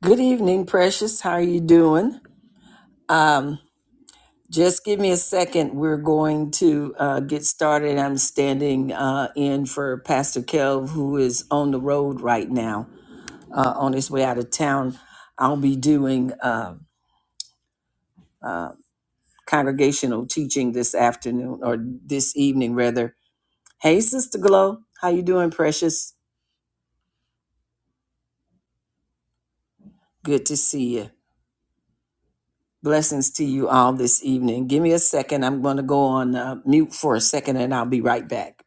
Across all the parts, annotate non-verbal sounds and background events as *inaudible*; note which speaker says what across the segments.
Speaker 1: Good evening, Precious. How are you doing? Um, just give me a second. We're going to uh, get started. I'm standing uh, in for Pastor Kelv, who is on the road right now, uh, on his way out of town. I'll be doing uh, uh, congregational teaching this afternoon or this evening, rather. Hey, Sister Glow, how you doing, Precious? Good to see you. Blessings to you all this evening. Give me a second. I'm going to go on uh, mute for a second, and I'll be right back.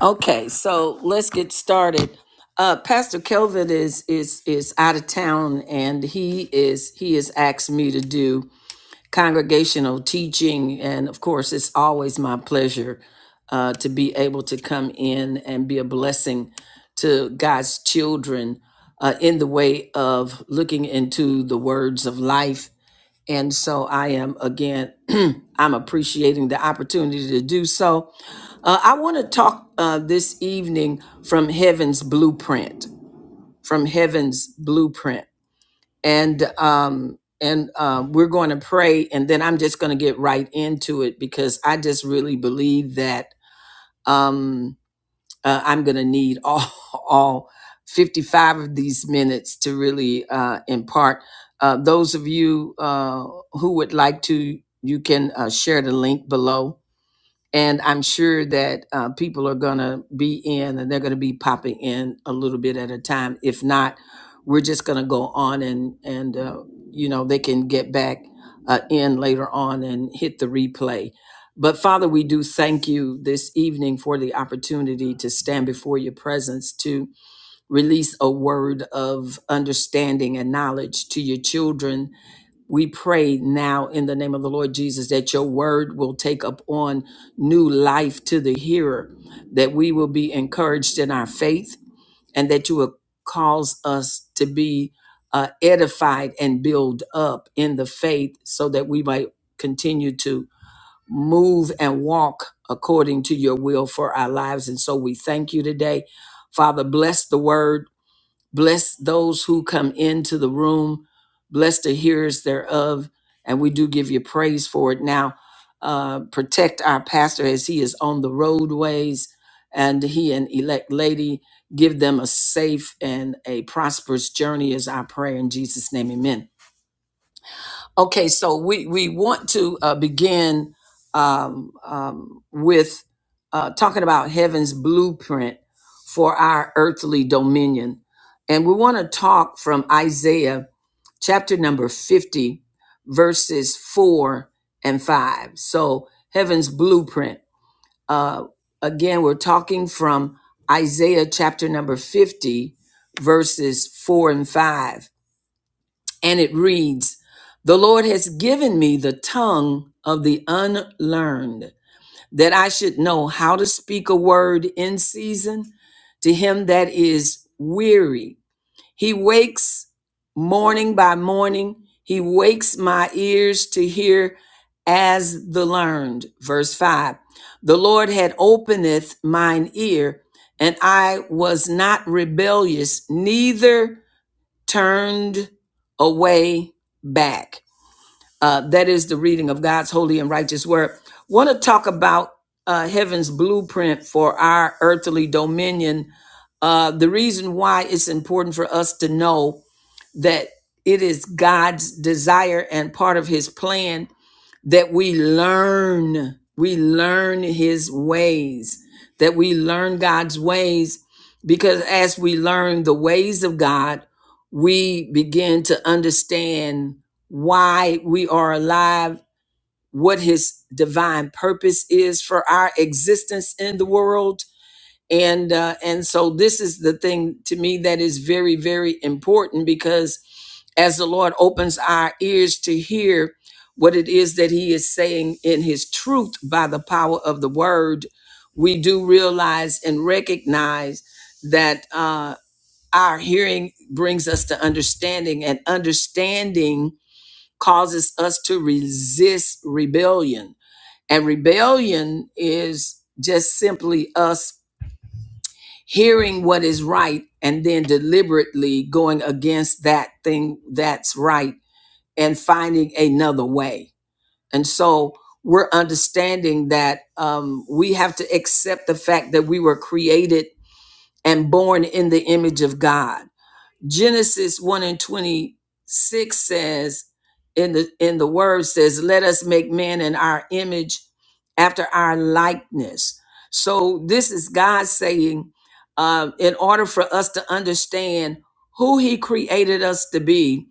Speaker 1: Okay, so let's get started. Uh, Pastor Kelvin is is is out of town, and he is he has asked me to do congregational teaching, and of course, it's always my pleasure uh, to be able to come in and be a blessing to God's children uh, in the way of looking into the words of life and so I am again, *clears throat* I'm appreciating the opportunity to do so. Uh, I want to talk uh, this evening from Heaven's Blueprint, from Heaven's Blueprint, and um, and uh, we're going to pray, and then I'm just going to get right into it because I just really believe that. Um, uh, I'm going to need all, *laughs* all 55 of these minutes to really uh, impart. Uh, those of you uh, who would like to, you can uh, share the link below and I'm sure that uh, people are going to be in and they're going to be popping in a little bit at a time. If not, we're just going to go on and and uh, you know they can get back uh, in later on and hit the replay. But Father, we do thank you this evening for the opportunity to stand before your presence to release a word of understanding and knowledge to your children we pray now in the name of the Lord Jesus that your word will take up on new life to the hearer, that we will be encouraged in our faith, and that you will cause us to be uh, edified and build up in the faith so that we might continue to move and walk according to your will for our lives. And so we thank you today. Father, bless the word Bless those who come into the room. Bless the hearers thereof. And we do give you praise for it. Now, uh, protect our pastor as he is on the roadways and he and elect lady. Give them a safe and a prosperous journey is our prayer in Jesus' name. Amen. Okay, so we, we want to uh, begin um, um, with uh, talking about heaven's blueprint for our earthly dominion. And we want to talk from Isaiah chapter number 50, verses 4 and 5. So, heaven's blueprint. Uh, again, we're talking from Isaiah chapter number 50, verses 4 and 5 and it reads The Lord has given me the tongue of the unlearned, that I should know how to speak a word in season to him that is weary. He wakes morning by morning, he wakes my ears to hear as the learned. Verse 5 The Lord had openeth mine ear, and I was not rebellious, neither turned away back. Uh, that is the reading of God's holy and righteous word. Want to talk about uh, heaven's blueprint for our earthly dominion? Uh, the reason why it's important for us to know that it is God's desire and part of His plan that we learn we learn his ways that we learn god's ways because as we learn the ways of god we begin to understand why we are alive what his divine purpose is for our existence in the world and uh, and so this is the thing to me that is very very important because as the lord opens our ears to hear what it is that he is saying in his truth by the power of the word we do realize and recognize that uh, our hearing brings us to understanding and understanding causes us to resist rebellion and rebellion is just simply us hearing what is right and then deliberately going against that thing that's right and finding another way. And so we're understanding that um, we have to accept the fact that we were created and born in the image of God Genesis 1 and 26 says, in the in the word says, let us make man in our image after our likeness. So this is God saying, um, in order for us to understand who he created us to be,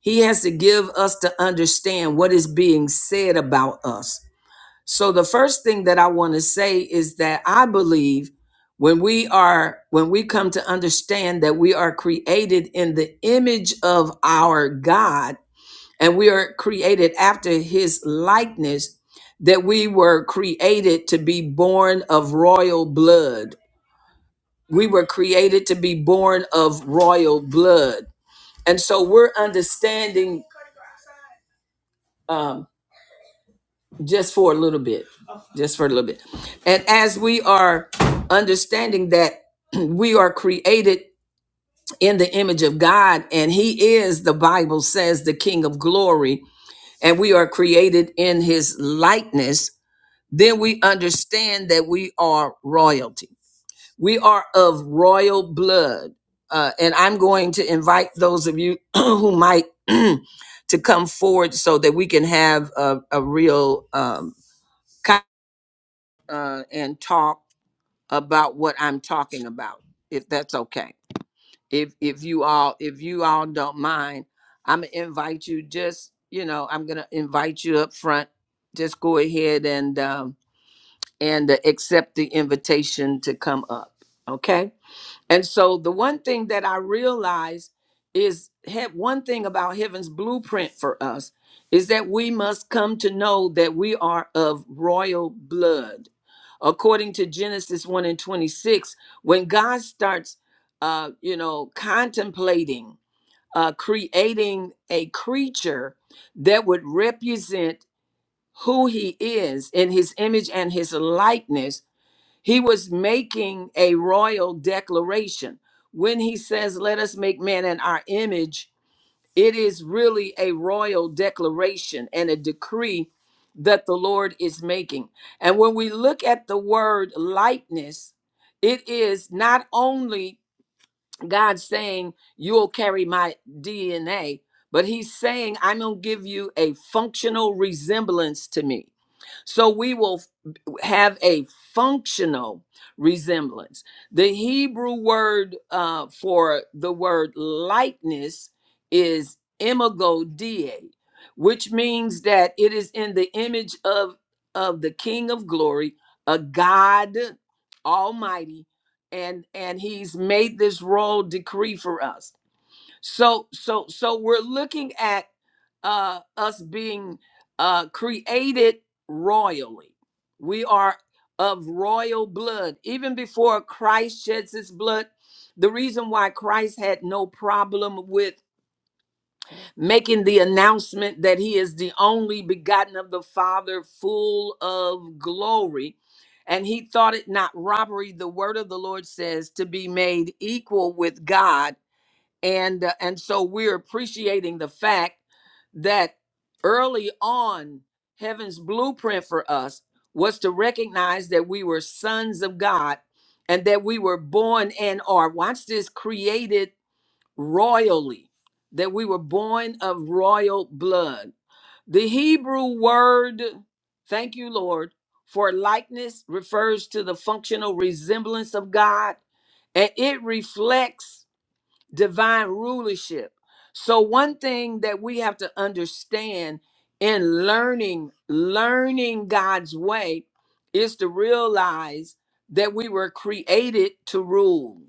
Speaker 1: he has to give us to understand what is being said about us. So the first thing that I want to say is that I believe when we are when we come to understand that we are created in the image of our God and we are created after his likeness that we were created to be born of royal blood. We were created to be born of royal blood. And so we're understanding um, just for a little bit just for a little bit and as we are understanding that *clears throat* we are created in the image of god and he is the bible says the king of glory and we are created in his likeness then we understand that we are royalty we are of royal blood uh, and i'm going to invite those of you *clears throat* who might *clears throat* to come forward so that we can have a, a real um, uh, and talk about what I'm talking about, if that's okay. If if you all if you all don't mind, I'm gonna invite you. Just you know, I'm gonna invite you up front. Just go ahead and um, and uh, accept the invitation to come up. Okay. And so the one thing that I realize is have one thing about heaven's blueprint for us is that we must come to know that we are of royal blood. According to Genesis 1 and 26, when God starts uh you know contemplating uh creating a creature that would represent who he is in his image and his likeness he was making a royal declaration. When he says, Let us make man in our image, it is really a royal declaration and a decree that the Lord is making. And when we look at the word likeness, it is not only God saying, You'll carry my DNA, but he's saying, I'm going to give you a functional resemblance to me. So we will have a functional resemblance. The Hebrew word uh, for the word likeness is imagodie, which means that it is in the image of, of the King of Glory, a God Almighty, and and He's made this royal decree for us. So so so we're looking at uh, us being uh, created royally. We are of royal blood. Even before Christ sheds his blood, the reason why Christ had no problem with making the announcement that he is the only begotten of the Father, full of glory. And he thought it not robbery, the word of the Lord says, to be made equal with God and uh, and so we're appreciating the fact that early on heaven's blueprint for us was to recognize that we were sons of god and that we were born and are watch this created royally that we were born of royal blood the hebrew word thank you lord for likeness refers to the functional resemblance of god and it reflects divine rulership. So one thing that we have to understand in learning learning God's way is to realize that we were created to rule.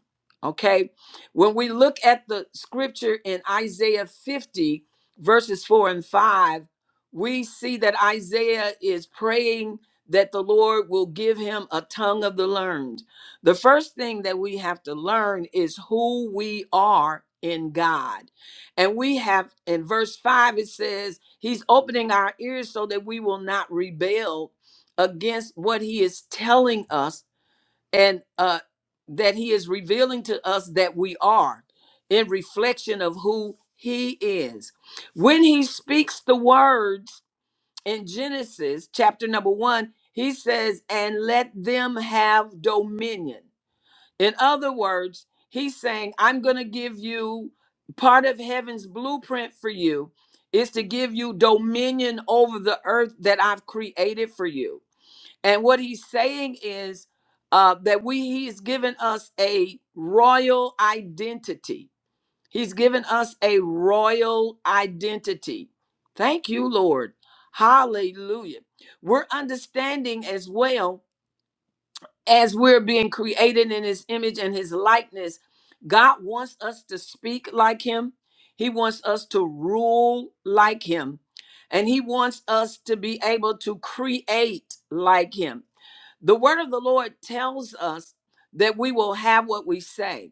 Speaker 1: Okay? When we look at the scripture in Isaiah 50 verses 4 and 5, we see that Isaiah is praying that the Lord will give him a tongue of the learned the first thing that we have to learn is who we are in God. And we have in verse 5, it says, He's opening our ears so that we will not rebel against what He is telling us and uh, that He is revealing to us that we are in reflection of who He is. When He speaks the words in Genesis chapter number one, He says, And let them have dominion. In other words, he's saying, I'm going to give you part of heaven's blueprint for you is to give you dominion over the earth that I've created for you. And what he's saying is uh, that we he's given us a royal identity. He's given us a royal identity. Thank you, Lord. Hallelujah. We're understanding as well as we're being created in his image and his likeness, God wants us to speak like him. He wants us to rule like him. And he wants us to be able to create like him. The word of the Lord tells us that we will have what we say.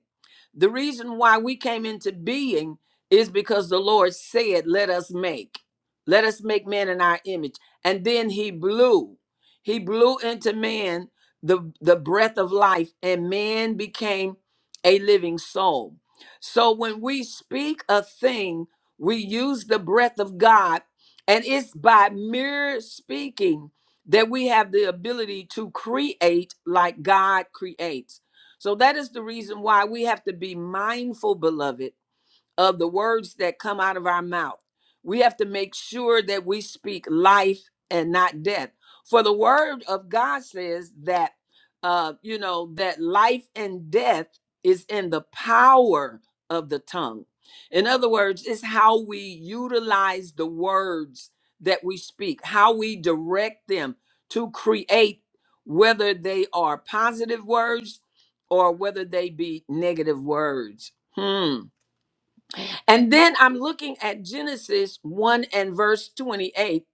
Speaker 1: The reason why we came into being is because the Lord said, Let us make, let us make man in our image. And then he blew, he blew into man the, the breath of life, and man became a living soul. So when we speak a thing, we use the breath of God, and it's by mere speaking that we have the ability to create like God creates. So that is the reason why we have to be mindful, beloved, of the words that come out of our mouth. We have to make sure that we speak life and not death. For the word of God says that, uh, you know, that life and death is in the power of the tongue. In other words, it's how we utilize the words that we speak, how we direct them to create, whether they are positive words or whether they be negative words. Hmm and then I'm looking at Genesis 1 and verse 28.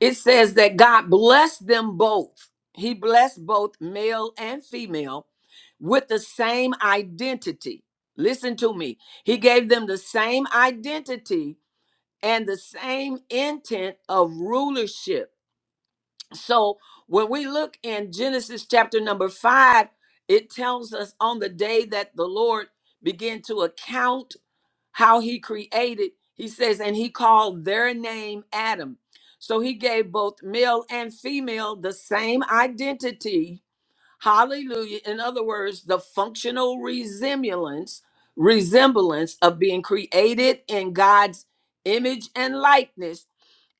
Speaker 1: It says that God blessed them both. He blessed both male and female with the same identity. Listen to me. He gave them the same identity and the same intent of rulership. So when we look in Genesis chapter number 5, it tells us on the day that the Lord began to account how he created. He says, and he called their name Adam. So he gave both male and female the same identity. Hallelujah. In other words, the functional resemblance, resemblance of being created in God's image and likeness.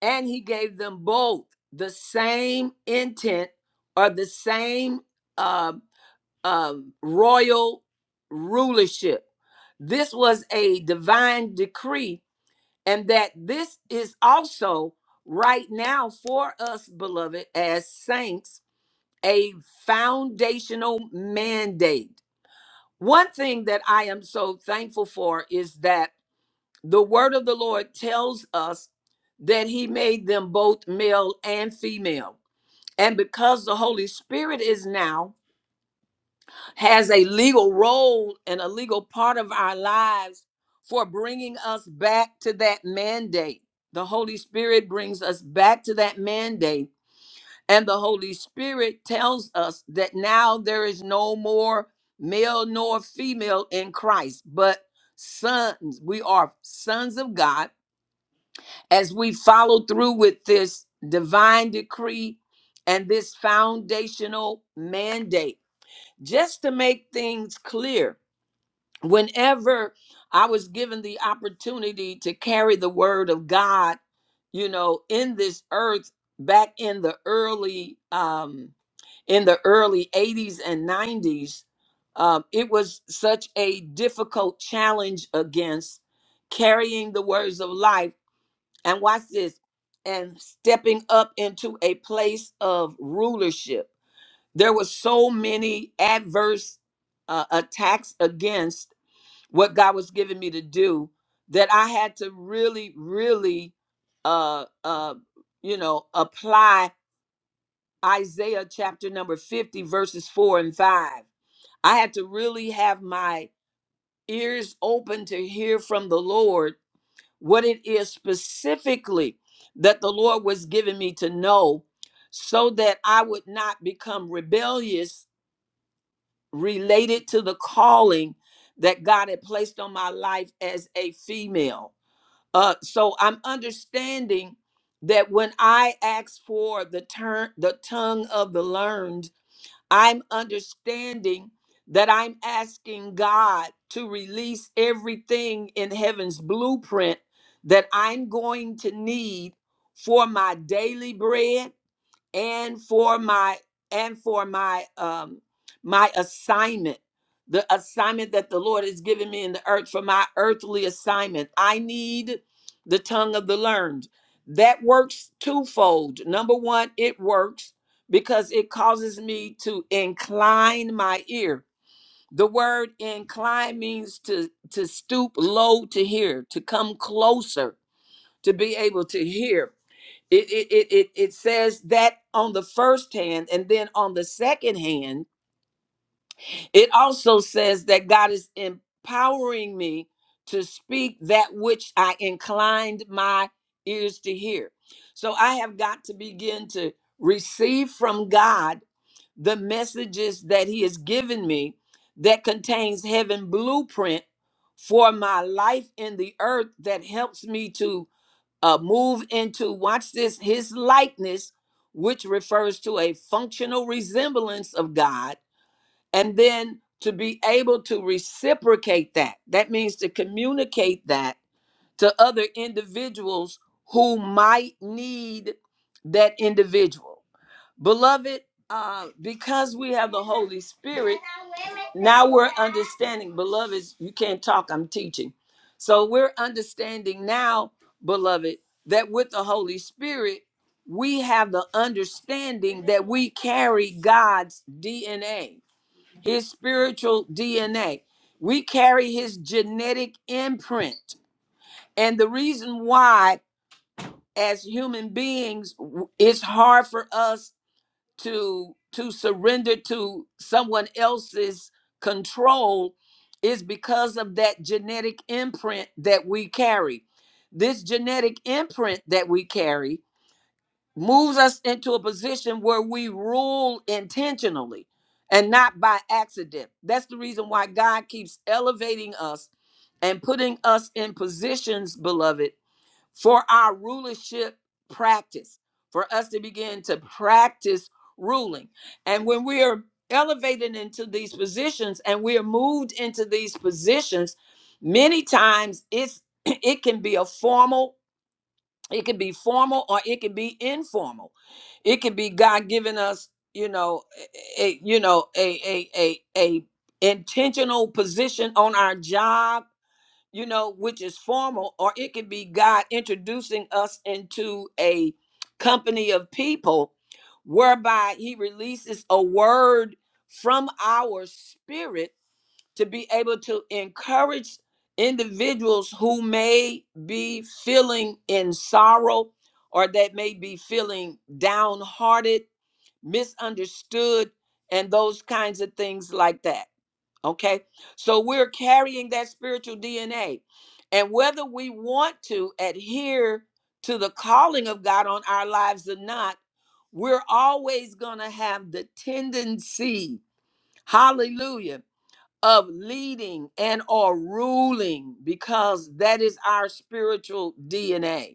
Speaker 1: And he gave them both the same intent or the same uh, um, royal rulership. This was a divine decree, and that this is also right now for us, beloved, as saints, a foundational mandate. One thing that I am so thankful for is that the word of the Lord tells us that he made them both male and female. And because the Holy Spirit is now has a legal role and a legal part of our lives for bringing us back to that mandate. The Holy Spirit brings us back to that mandate, and the Holy Spirit tells us that now there is no more male nor female in Christ, but sons. We are sons of God as we follow through with this divine decree and this foundational mandate. Just to make things clear, whenever I was given the opportunity to carry the word of God, you know, in this earth back in the early um in the early 80s and 90s, um, it was such a difficult challenge against carrying the words of life. And watch this, and stepping up into a place of rulership. There were so many adverse uh, attacks against what God was giving me to do that I had to really, really, uh, uh, you know, apply Isaiah chapter number 50, verses four and five. I had to really have my ears open to hear from the Lord what it is specifically that the Lord was giving me to know so that I would not become rebellious related to the calling that God had placed on my life as a female Uh, so I'm understanding that when I ask for the turn, the tongue of the learned, I'm understanding that I'm asking God to release everything in heaven's blueprint that I'm going to need for my daily bread and for my and for my um my assignment the assignment that the lord has given me in the earth for my earthly assignment i need the tongue of the learned that works twofold number one it works because it causes me to incline my ear the word incline means to to stoop low to hear to come closer to be able to hear it, it, it, it, it says that on the first hand, and then on the second hand, it also says that God is empowering me to speak that which I inclined my ears to hear. So I have got to begin to receive from God the messages that He has given me that contains heaven blueprint for my life in the earth that helps me to uh, move into, watch this, his likeness, which refers to a functional resemblance of God, and then to be able to reciprocate that. That means to communicate that to other individuals who might need that individual. Beloved, uh, because we have the Holy Spirit, now we're understanding. Beloved, you can't talk, I'm teaching. So we're understanding now, beloved, that with the Holy Spirit, we have the understanding that we carry God's DNA, His spiritual DNA. We carry His genetic imprint. And the reason why, as human beings, w- it's hard for us to to surrender to someone else's control is because of that genetic imprint that we carry this genetic imprint that we carry moves us into a position where we rule intentionally and not by accident that's the reason why god keeps elevating us and putting us in positions beloved for our rulership practice, for us to begin to practice ruling. And when we are elevated into these positions and we are moved into these positions, many times it's *clears throat* it can be a formal, it can be formal or it can be informal. It can be God giving us, you know, a you know, a a a a intentional position on our job you know, which is formal, or it could be God introducing us into a company of people whereby he releases a word from our spirit to be able to encourage individuals who may be feeling in sorrow or that may be feeling downhearted, misunderstood, and those kinds of things like that. Okay. So we're carrying that spiritual DNA. And whether we want to adhere to the calling of God on our lives or not, we're always going to have the tendency, hallelujah, of leading and or ruling because that is our spiritual DNA.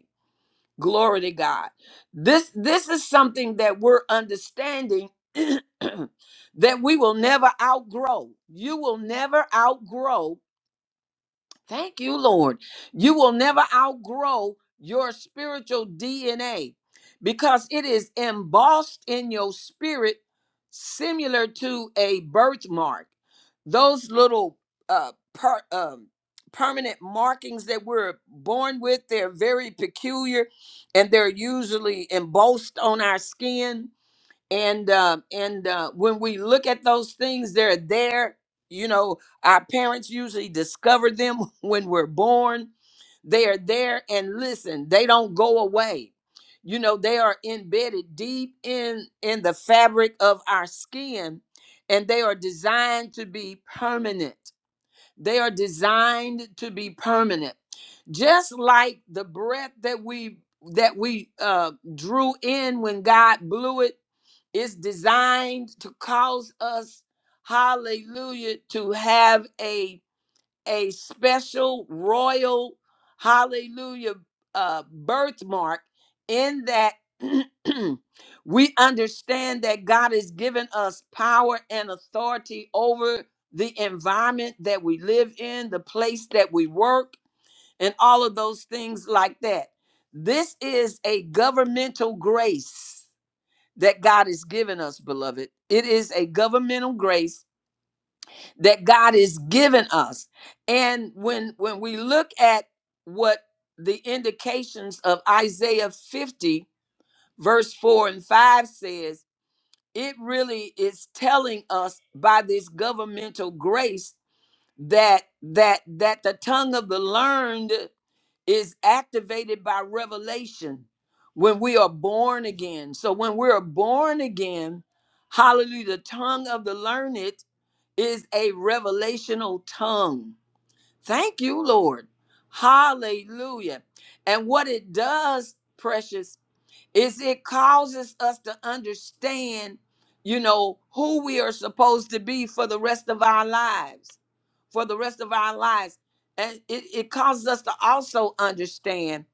Speaker 1: Glory to God. This this is something that we're understanding *clears throat* that we will never outgrow. You will never outgrow Thank you, Lord. You will never outgrow your spiritual DNA because it is embossed in your spirit, similar to a birthmark. Those little uh, per, um, permanent markings that we're born with, they're very peculiar and they're usually embossed on our skin and um, and uh, when we look at those things they're there you know our parents usually discover them *laughs* when we're born they are there and listen they don't go away you know they are embedded deep in in the fabric of our skin and they are designed to be permanent they are designed to be permanent just like the breath that we that we uh drew in when god blew it it's designed to cause us, hallelujah, to have a, a special royal, hallelujah, uh, birthmark in that *clears throat* we understand that God has given us power and authority over the environment that we live in, the place that we work, and all of those things like that. This is a governmental grace that God has given us, beloved. It is a governmental grace that God has given us. And when when we look at what the indications of Isaiah 50 verse 4 and 5 says, it really is telling us by this governmental grace that that that the tongue of the learned is activated by revelation when we are born again. So when we are born again, hallelujah, the tongue of the learned is a revelational tongue. Thank you, Lord. Hallelujah. And what it does, precious, is it causes us to understand, you know, who we are supposed to be for the rest of our lives for the rest of our lives. And it, it causes us to also understand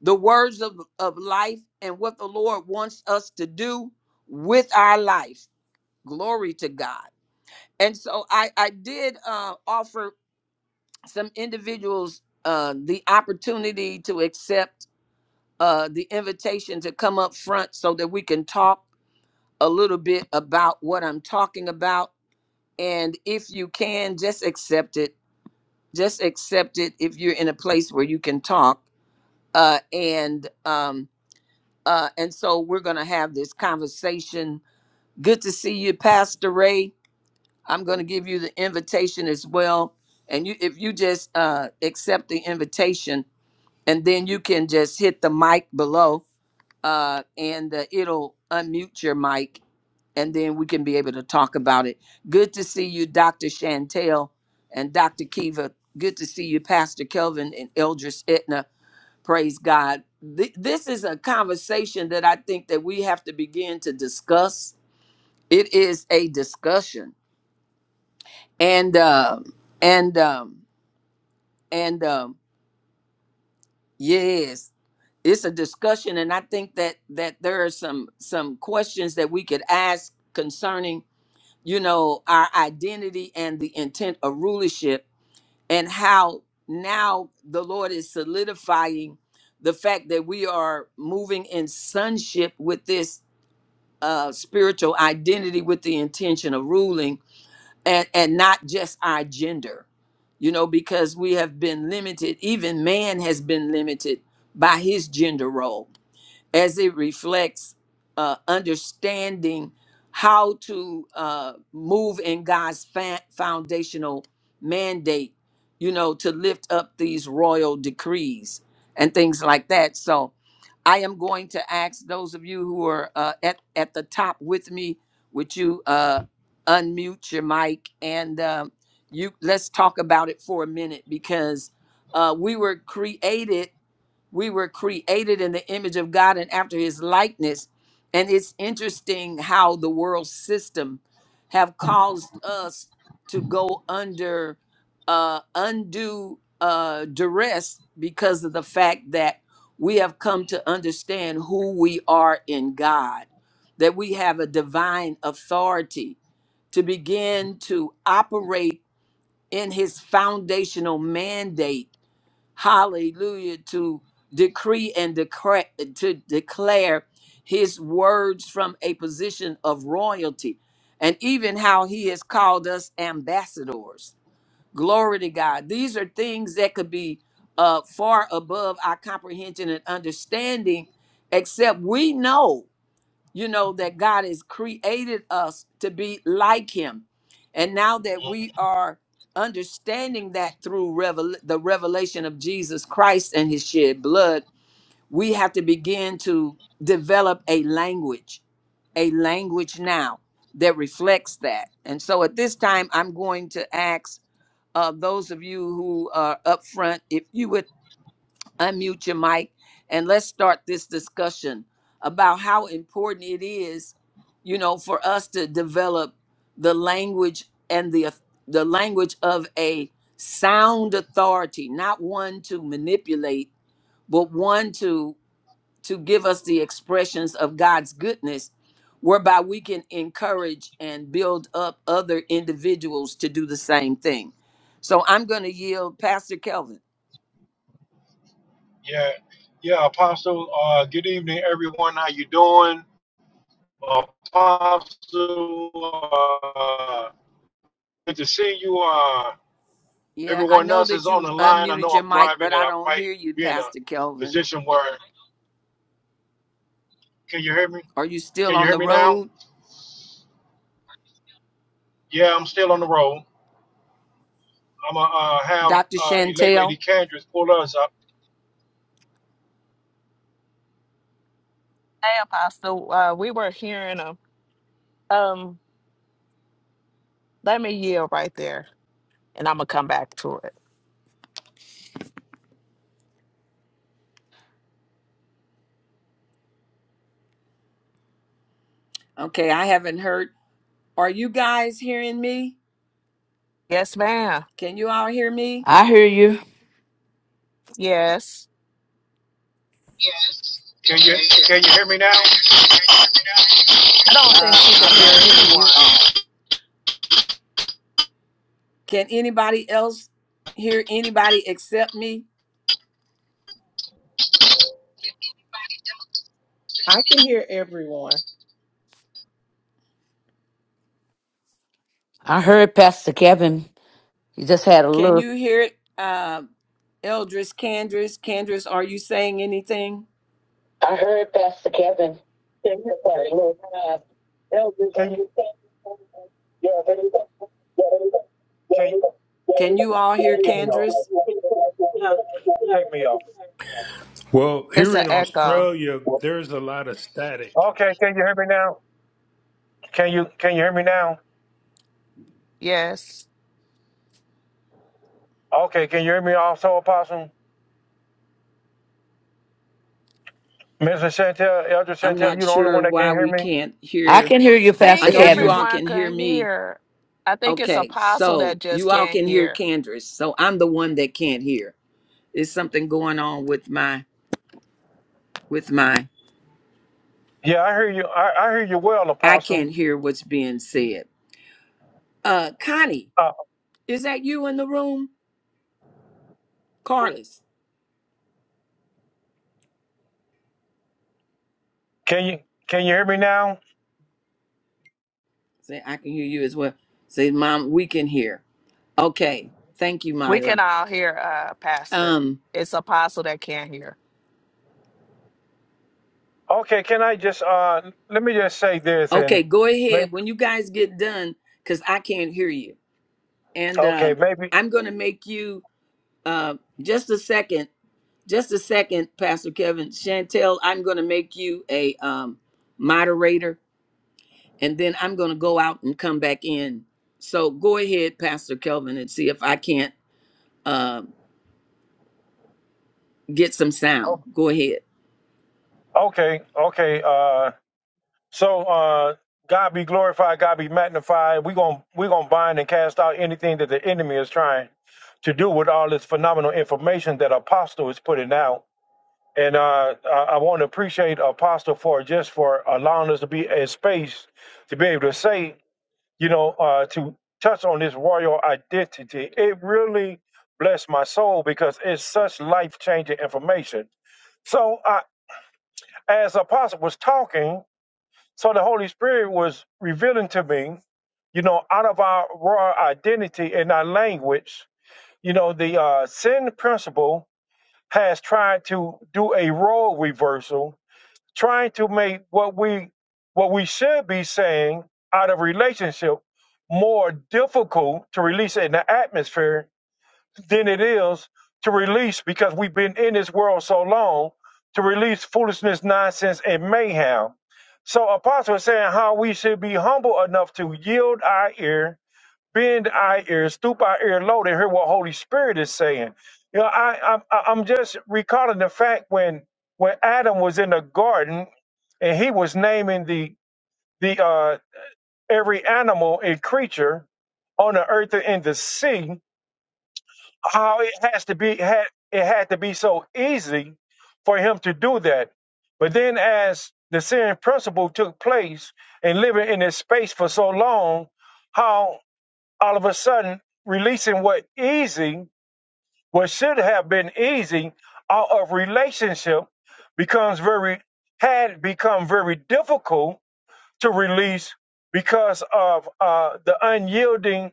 Speaker 1: the words of, of life and what the Lord wants us to do with our life. Glory to God. And so I, I did uh, offer some individuals uh, the opportunity to accept uh, the invitation to come up front so that we can talk a little bit about what I'm talking about. And if you can, just accept it just accept it if you're in a place where you can talk uh and um uh and so we're going to have this conversation good to see you pastor ray i'm going to give you the invitation as well and you if you just uh accept the invitation and then you can just hit the mic below uh and uh, it'll unmute your mic and then we can be able to talk about it. Good to see you, Dr. Chantel and Dr. Kiva. Good to see you, Pastor Kelvin and Eldris Etna. Praise God. Th- this is a conversation that I think that we have to begin to discuss. It is a discussion, and um, and um, and um, yes, it's a discussion, and I think that that there are some some questions that we could ask concerning you know, our identity and the intent of rulership, and how now the Lord is solidifying the fact that we are moving in sonship with this uh, spiritual identity with the intention of ruling and, and not just our gender, you know, because we have been limited, even man has been limited by his gender role as it reflects uh, understanding how to uh, move in God's fa- foundational mandate, you know, to lift up these royal decrees and things like that. So I am going to ask those of you who are uh, at, at the top with me, would you uh, unmute your mic and um you let's talk about it for a minute because uh, we were created we were created in the image of God and after his likeness. And it's interesting how the world system have caused us to go under uh, undue uh, duress because of the fact that we have come to understand who we are in God, that we have a divine authority to begin to operate in his foundational mandate hallelujah, to decree and declare, to declare his words from a position of royalty, and even how he has called us ambassadors. Glory to God. These are things that could be uh, far above our comprehension and understanding, except we know you know that god has created us to be like him and now that we are understanding that through revel- the revelation of jesus christ and his shed blood we have to begin to develop a language a language now that reflects that and so at this time i'm going to ask uh, those of you who are up front if you would unmute your mic and let's start this discussion about how important it is you know for us to develop the language and the the language of a sound authority not one to manipulate but one to to give us the expressions of God's goodness whereby we can encourage and build up other individuals to do the same thing so i'm going to yield pastor kelvin
Speaker 2: Yeah, yeah, Apostle. Uh, good evening, everyone. How you doing, Apostle? Uh, good to see you. Uh,
Speaker 1: Yeah, I
Speaker 2: everyone
Speaker 1: know
Speaker 2: else is
Speaker 1: that
Speaker 2: on the
Speaker 1: you've
Speaker 2: line. I know
Speaker 1: unmuted your
Speaker 2: I'm
Speaker 1: mic,
Speaker 2: driving,
Speaker 1: but
Speaker 2: and
Speaker 1: I
Speaker 2: I
Speaker 1: don't
Speaker 2: might
Speaker 1: hear you,
Speaker 2: be in a
Speaker 1: Pastor Kelvin.
Speaker 2: position where. Can you hear me?
Speaker 1: Are you
Speaker 2: Can
Speaker 1: still
Speaker 2: you
Speaker 1: on
Speaker 2: hear
Speaker 1: the
Speaker 2: me now?
Speaker 1: road,
Speaker 2: Yeah, I'm still on the road. I'm gonna uh, have
Speaker 1: Dr.
Speaker 2: uh, elect Lady
Speaker 1: Chantel?
Speaker 2: Candress pull us up.
Speaker 3: Hey, Apostle, uh, we were hearing a um. Let me yield right there, and I'm gonna come back to it.
Speaker 1: Okay, I haven't heard. Are you guys hearing me?
Speaker 3: Yes, ma'am.
Speaker 1: Can you all hear me?
Speaker 4: I hear you.
Speaker 3: Yes,
Speaker 2: Can you can you hear me now?
Speaker 3: I don't think
Speaker 1: Uh,
Speaker 3: she can
Speaker 1: I'm not
Speaker 3: hear
Speaker 1: hearing you
Speaker 3: anyone.
Speaker 1: all. Can anybody else hear anybody except me?
Speaker 5: I can hear everyone.
Speaker 4: I heard Pastor Kevin. He just had a
Speaker 1: Can
Speaker 4: little.
Speaker 1: you hear it? Uh, Eldris, Candris, Candris, are you saying anything?
Speaker 6: I heard Pastor Kevin. Yeah, Yeah, there you go. Yeah, Yeah, Yeah,
Speaker 1: Can you all hear
Speaker 6: Give me off.
Speaker 1: Candris?
Speaker 6: No. Take me off.
Speaker 7: Well,
Speaker 3: It's
Speaker 7: here
Speaker 3: an
Speaker 7: in
Speaker 3: echo.
Speaker 7: Australia, there's a lot of static.
Speaker 6: Okay, can you hear me now? Can you can you hear me now?
Speaker 3: Yes,
Speaker 6: Okay, can you hear me also, Apostle? Mr. Chantel, Elder
Speaker 1: I'm
Speaker 6: Chantel,
Speaker 1: not
Speaker 6: you the only
Speaker 1: sure
Speaker 6: one that can
Speaker 1: why
Speaker 6: hear
Speaker 1: we
Speaker 6: me?
Speaker 1: can't
Speaker 4: I
Speaker 1: hear.
Speaker 4: can hear you,
Speaker 3: I
Speaker 1: I
Speaker 4: Pastor
Speaker 3: think
Speaker 1: know you
Speaker 4: Kevin.
Speaker 1: all
Speaker 4: Thank
Speaker 3: everyone
Speaker 1: can hear
Speaker 3: can
Speaker 1: me.
Speaker 3: hear. I think it's
Speaker 1: Okay,
Speaker 3: Apostle that
Speaker 1: so
Speaker 3: just
Speaker 1: you all
Speaker 3: can't
Speaker 1: can hear
Speaker 3: hear.
Speaker 1: Candrace. So I'm the one that can't hear. There's something going on with my with my
Speaker 6: Yeah, I hear you. I, I hear you well,
Speaker 1: I
Speaker 6: Apostle.
Speaker 1: can't hear what's being said. Uh Connie,
Speaker 6: Uh,
Speaker 1: is that you in the room? Carlos.
Speaker 6: can you can you hear me now?
Speaker 1: Say I can hear you as well. Say, Mom, we can hear. Okay. Thank you,
Speaker 3: We can
Speaker 1: Mila.
Speaker 3: all hear, uh, Pastor.
Speaker 1: Um,
Speaker 3: It's Apostle that can't hear.
Speaker 6: Okay, can I just uh let me just say this and
Speaker 1: okay, go
Speaker 6: may-
Speaker 1: ahead when you guys get done, because I can't hear you. And
Speaker 6: okay,
Speaker 1: um
Speaker 6: maybe
Speaker 1: I'm gonna make you uh just a second Just a second, Pastor Kevin. Chantel, I'm going to make you a um, moderator, and then I'm going to go out and come back in. So go ahead, Pastor Kelvin, and see if I can't uh, get some
Speaker 6: o-
Speaker 1: sound. Go ahead.
Speaker 6: okay, okay, uh so uh God be glorified, God be magnified. We're gonna we're gonna bind and cast out anything that the enemy is trying to do with all this phenomenal information that Apostle is putting out. And uh I, I want to appreciate Apostle for just for allowing us to be in space to be able to say you know, uh, to touch on this royal identity, it really blessed my soul because it's such life changing information. So, I, as Apostle was talking, so the Holy Spirit was revealing to me, you know, out of our royal identity and our language, you know, the uh, sin principle has tried to do a role reversal trying to make what we what we should be saying out of relationship more difficult to release in the atmosphere than it is to release because we've been in this world so long to release foolishness, nonsense, and mayhem. So apostle is saying how we should be humble enough to yield our ear bend our ears, stoop our ear low to hear what Holy Spirit is saying. You know, I, I'm I- I'm just recalling the fact when when Adam was in the garden and he was naming the the uh, every animal and creature on the earth and in the sea, how it has to be had it had to be so easy for him to do that. But then as the sin principle took place and living in this space for so long, how all of a sudden releasing what easy, what should have been easy out of relationship becomes very had become very difficult to release because of uh, the unyielding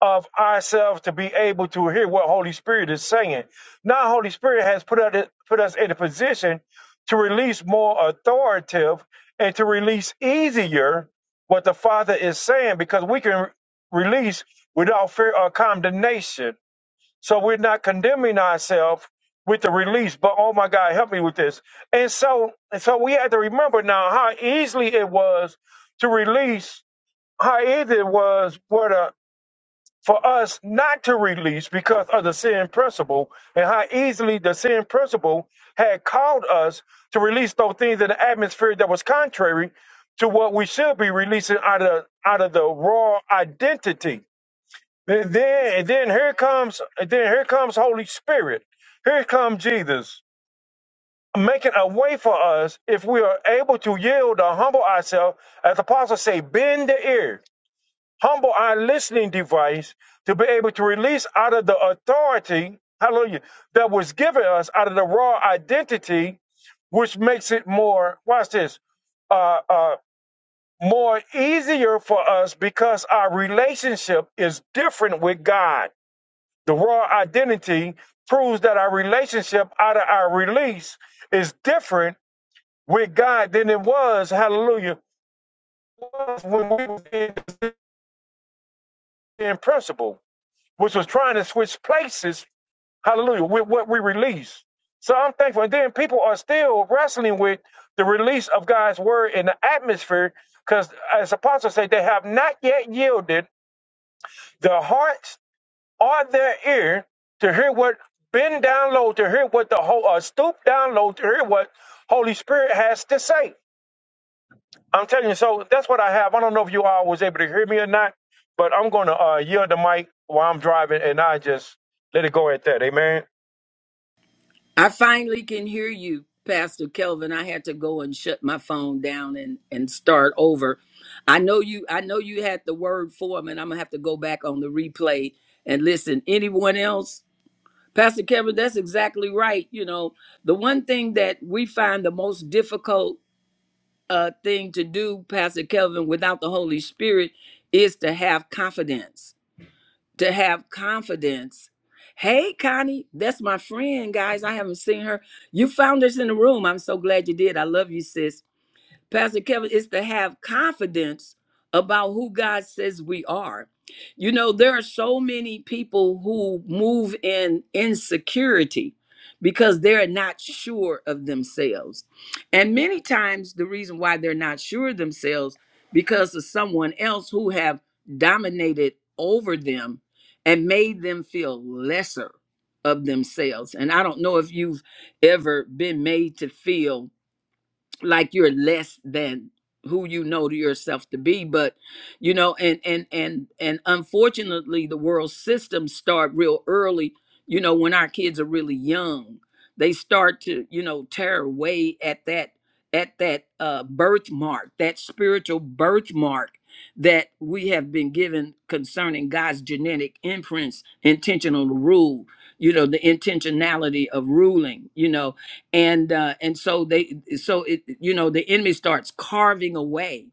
Speaker 6: of ourselves to be able to hear what Holy Spirit is saying. Now, Holy Spirit has put us, put us in a position to release more authoritative and to release easier what the Father is saying because we can release without fear or condemnation. So we're not condemning ourselves with the release, but oh my God, help me with this. And so, and so we have to remember now how easily it was to release, how easy it was for the for us not to release because of the sin principle and how easily the sin principle had called us to release those things in the atmosphere that was contrary to what we should be releasing out of out of the raw identity. And then and then here comes and then here comes Holy Spirit. Here comes Jesus making a way for us if we are able to yield or humble ourselves, as the apostle say, bend the ear humble our listening device to be able to release out of the authority, hallelujah, that was given us out of the raw identity, which makes it more, watch this, uh, uh, more easier for us because our relationship is different with God. The raw identity proves that our relationship out of our release is different with God than it was, hallelujah, when we were in in principle. which was trying to switch places, hallelujah, with what we release. So I'm thankful. And then people are still wrestling with the release of God's word in the atmosphere, because as apostles say, they have not yet yielded their hearts or their ear to hear what been down low, to hear what the whole uh, stoop down low, to hear what Holy Spirit has to say. I'm telling you, so that's what I have. I don't know if you all was able to hear me or not, but I'm gonna uh, yield the mic while I'm driving and I just let it go at that. Amen.
Speaker 1: I finally can hear you, Pastor Kelvin. I had to go and shut my phone down and and start over. I know you. I know you had the word for him, and I'm gonna have to go back on the replay and listen. Anyone else? Pastor Kevin, that's exactly right. You know, the one thing that we find the most difficult uh, thing to do, Pastor Kevin, without the Holy Spirit is to have confidence. To have confidence. Hey, Connie, that's my friend, guys. I haven't seen her. You found us in the room. I'm so glad you did. I love you, sis. Pastor Kevin, is to have confidence about who God says we are. You know, there are so many people who move in insecurity because they're not sure of themselves. And many times the reason why they're not sure of themselves because of someone else who have dominated over them and made them feel lesser of themselves. And I don't know if you've ever been made to feel like you're less than who you know to yourself to be but you know and and and and unfortunately the world systems start real early you know when our kids are really young they start to you know tear away at that at that uh birthmark that spiritual birthmark that we have been given concerning God's genetic imprints intentional rule you know the intentionality of ruling you know and uh and so they so it you know the enemy starts carving away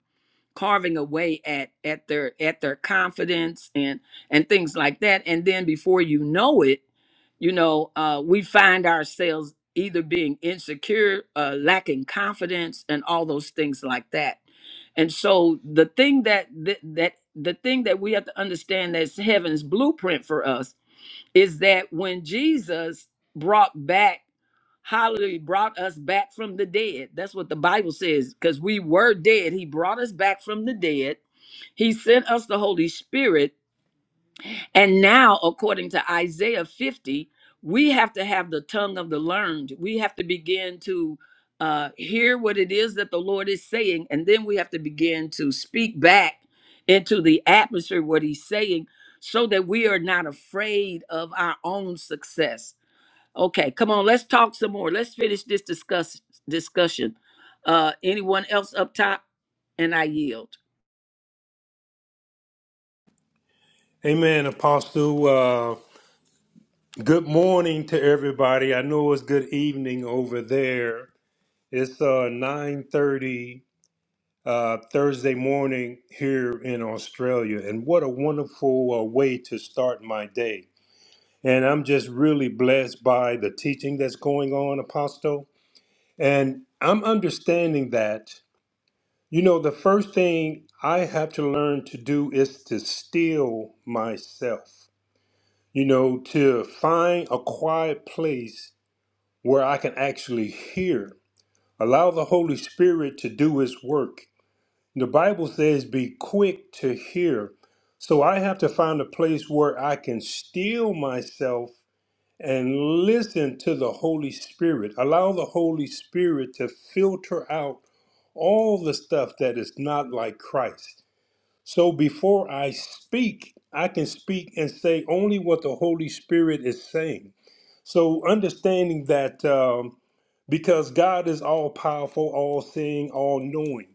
Speaker 1: carving away at at their at their confidence and and things like that and then before you know it you know uh we find ourselves either being insecure uh lacking confidence and all those things like that and so the thing that that, that the thing that we have to understand that's heaven's blueprint for us is that when jesus brought back Hallelujah. Brought us back from the dead. That's what the Bible says. Because we were dead. He brought us back from the dead. He sent us the Holy Spirit. And now, according to Isaiah 50, we have to have the tongue of the learned. We have to begin to uh, hear what it is that the Lord is saying. And then we have to begin to speak back into the atmosphere what he's saying so that we are not afraid of our own success Okay, come on, let's talk some more. Let's finish this discuss discussion. Uh anyone else up top? And I yield.
Speaker 7: Amen, Apostle. Uh, good morning to everybody. I know it's good evening over there. It's uh, 9.30 uh, Thursday morning here in Australia. And what a wonderful uh, way to start my day. And I'm just really blessed by the teaching that's going on, Apostle. And I'm understanding that. You know, the first thing I have to learn to do is to still myself. You know, to find a quiet place where I can actually hear. Allow the Holy Spirit to do His work. The Bible says, be quick to hear. So I have to find a place where I can still myself and listen to the Holy Spirit. Allow the Holy Spirit to filter out all the stuff that is not like Christ so before I speak, I can speak and say only what the Holy Spirit is saying. So understanding that um, because God is all powerful, all seeing, all knowing,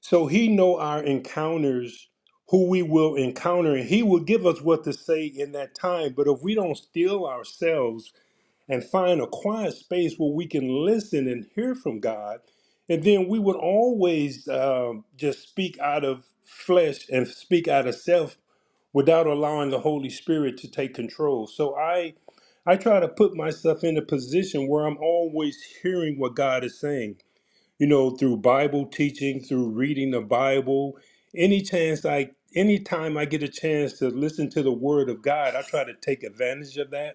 Speaker 7: so He know our encounters, who we will encounter, and He will give us what to say in that time. But if we don't still ourselves and find a quiet space where we can listen and hear from God. And then we would always um, just speak out of flesh and speak out of self without allowing the Holy Spirit to take control. So I I try to put myself in a position where I'm always hearing what God is saying. You know, through Bible teaching, through reading the Bible, any chance I anytime I get a chance to listen to the word of God, I try to take advantage of that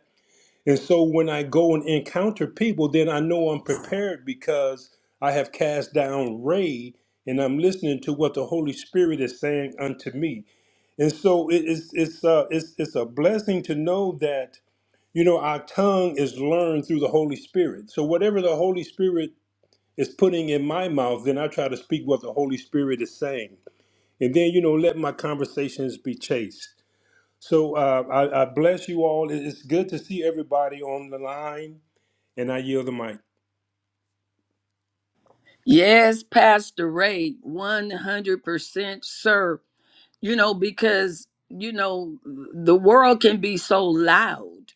Speaker 7: and so when I go and encounter people, then I know I'm prepared because I have cast down Ray and I'm listening to what the Holy Spirit is saying unto me. And so it- it's it's uh, it's it's a blessing to know that you know our tongue is learned through the Holy Spirit. So whatever the Holy Spirit is putting in my mouth, then I try to speak what the Holy Spirit is saying, and then you know let my conversations be chaste. So uh, I, I bless you all. It- It's good to see everybody on the line. And I yield the mic.
Speaker 1: Yes, Pastor Ray, 100% sir. You know because you know the world can be so loud.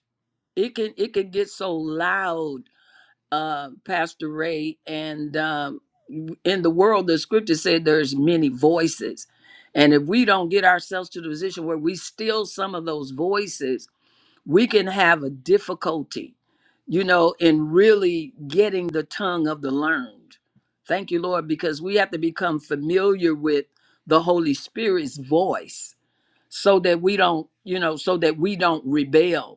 Speaker 1: It can it can get so loud uh Pastor Ray and um in the world the scripture said there's many voices. And if we don't get ourselves to the position where we still some of those voices we can have a difficulty, you know, in really getting the tongue of the learned. Thank you, Lord, because we have to become familiar with the Holy Spirit's voice so that we don't, you know, so that we don't rebel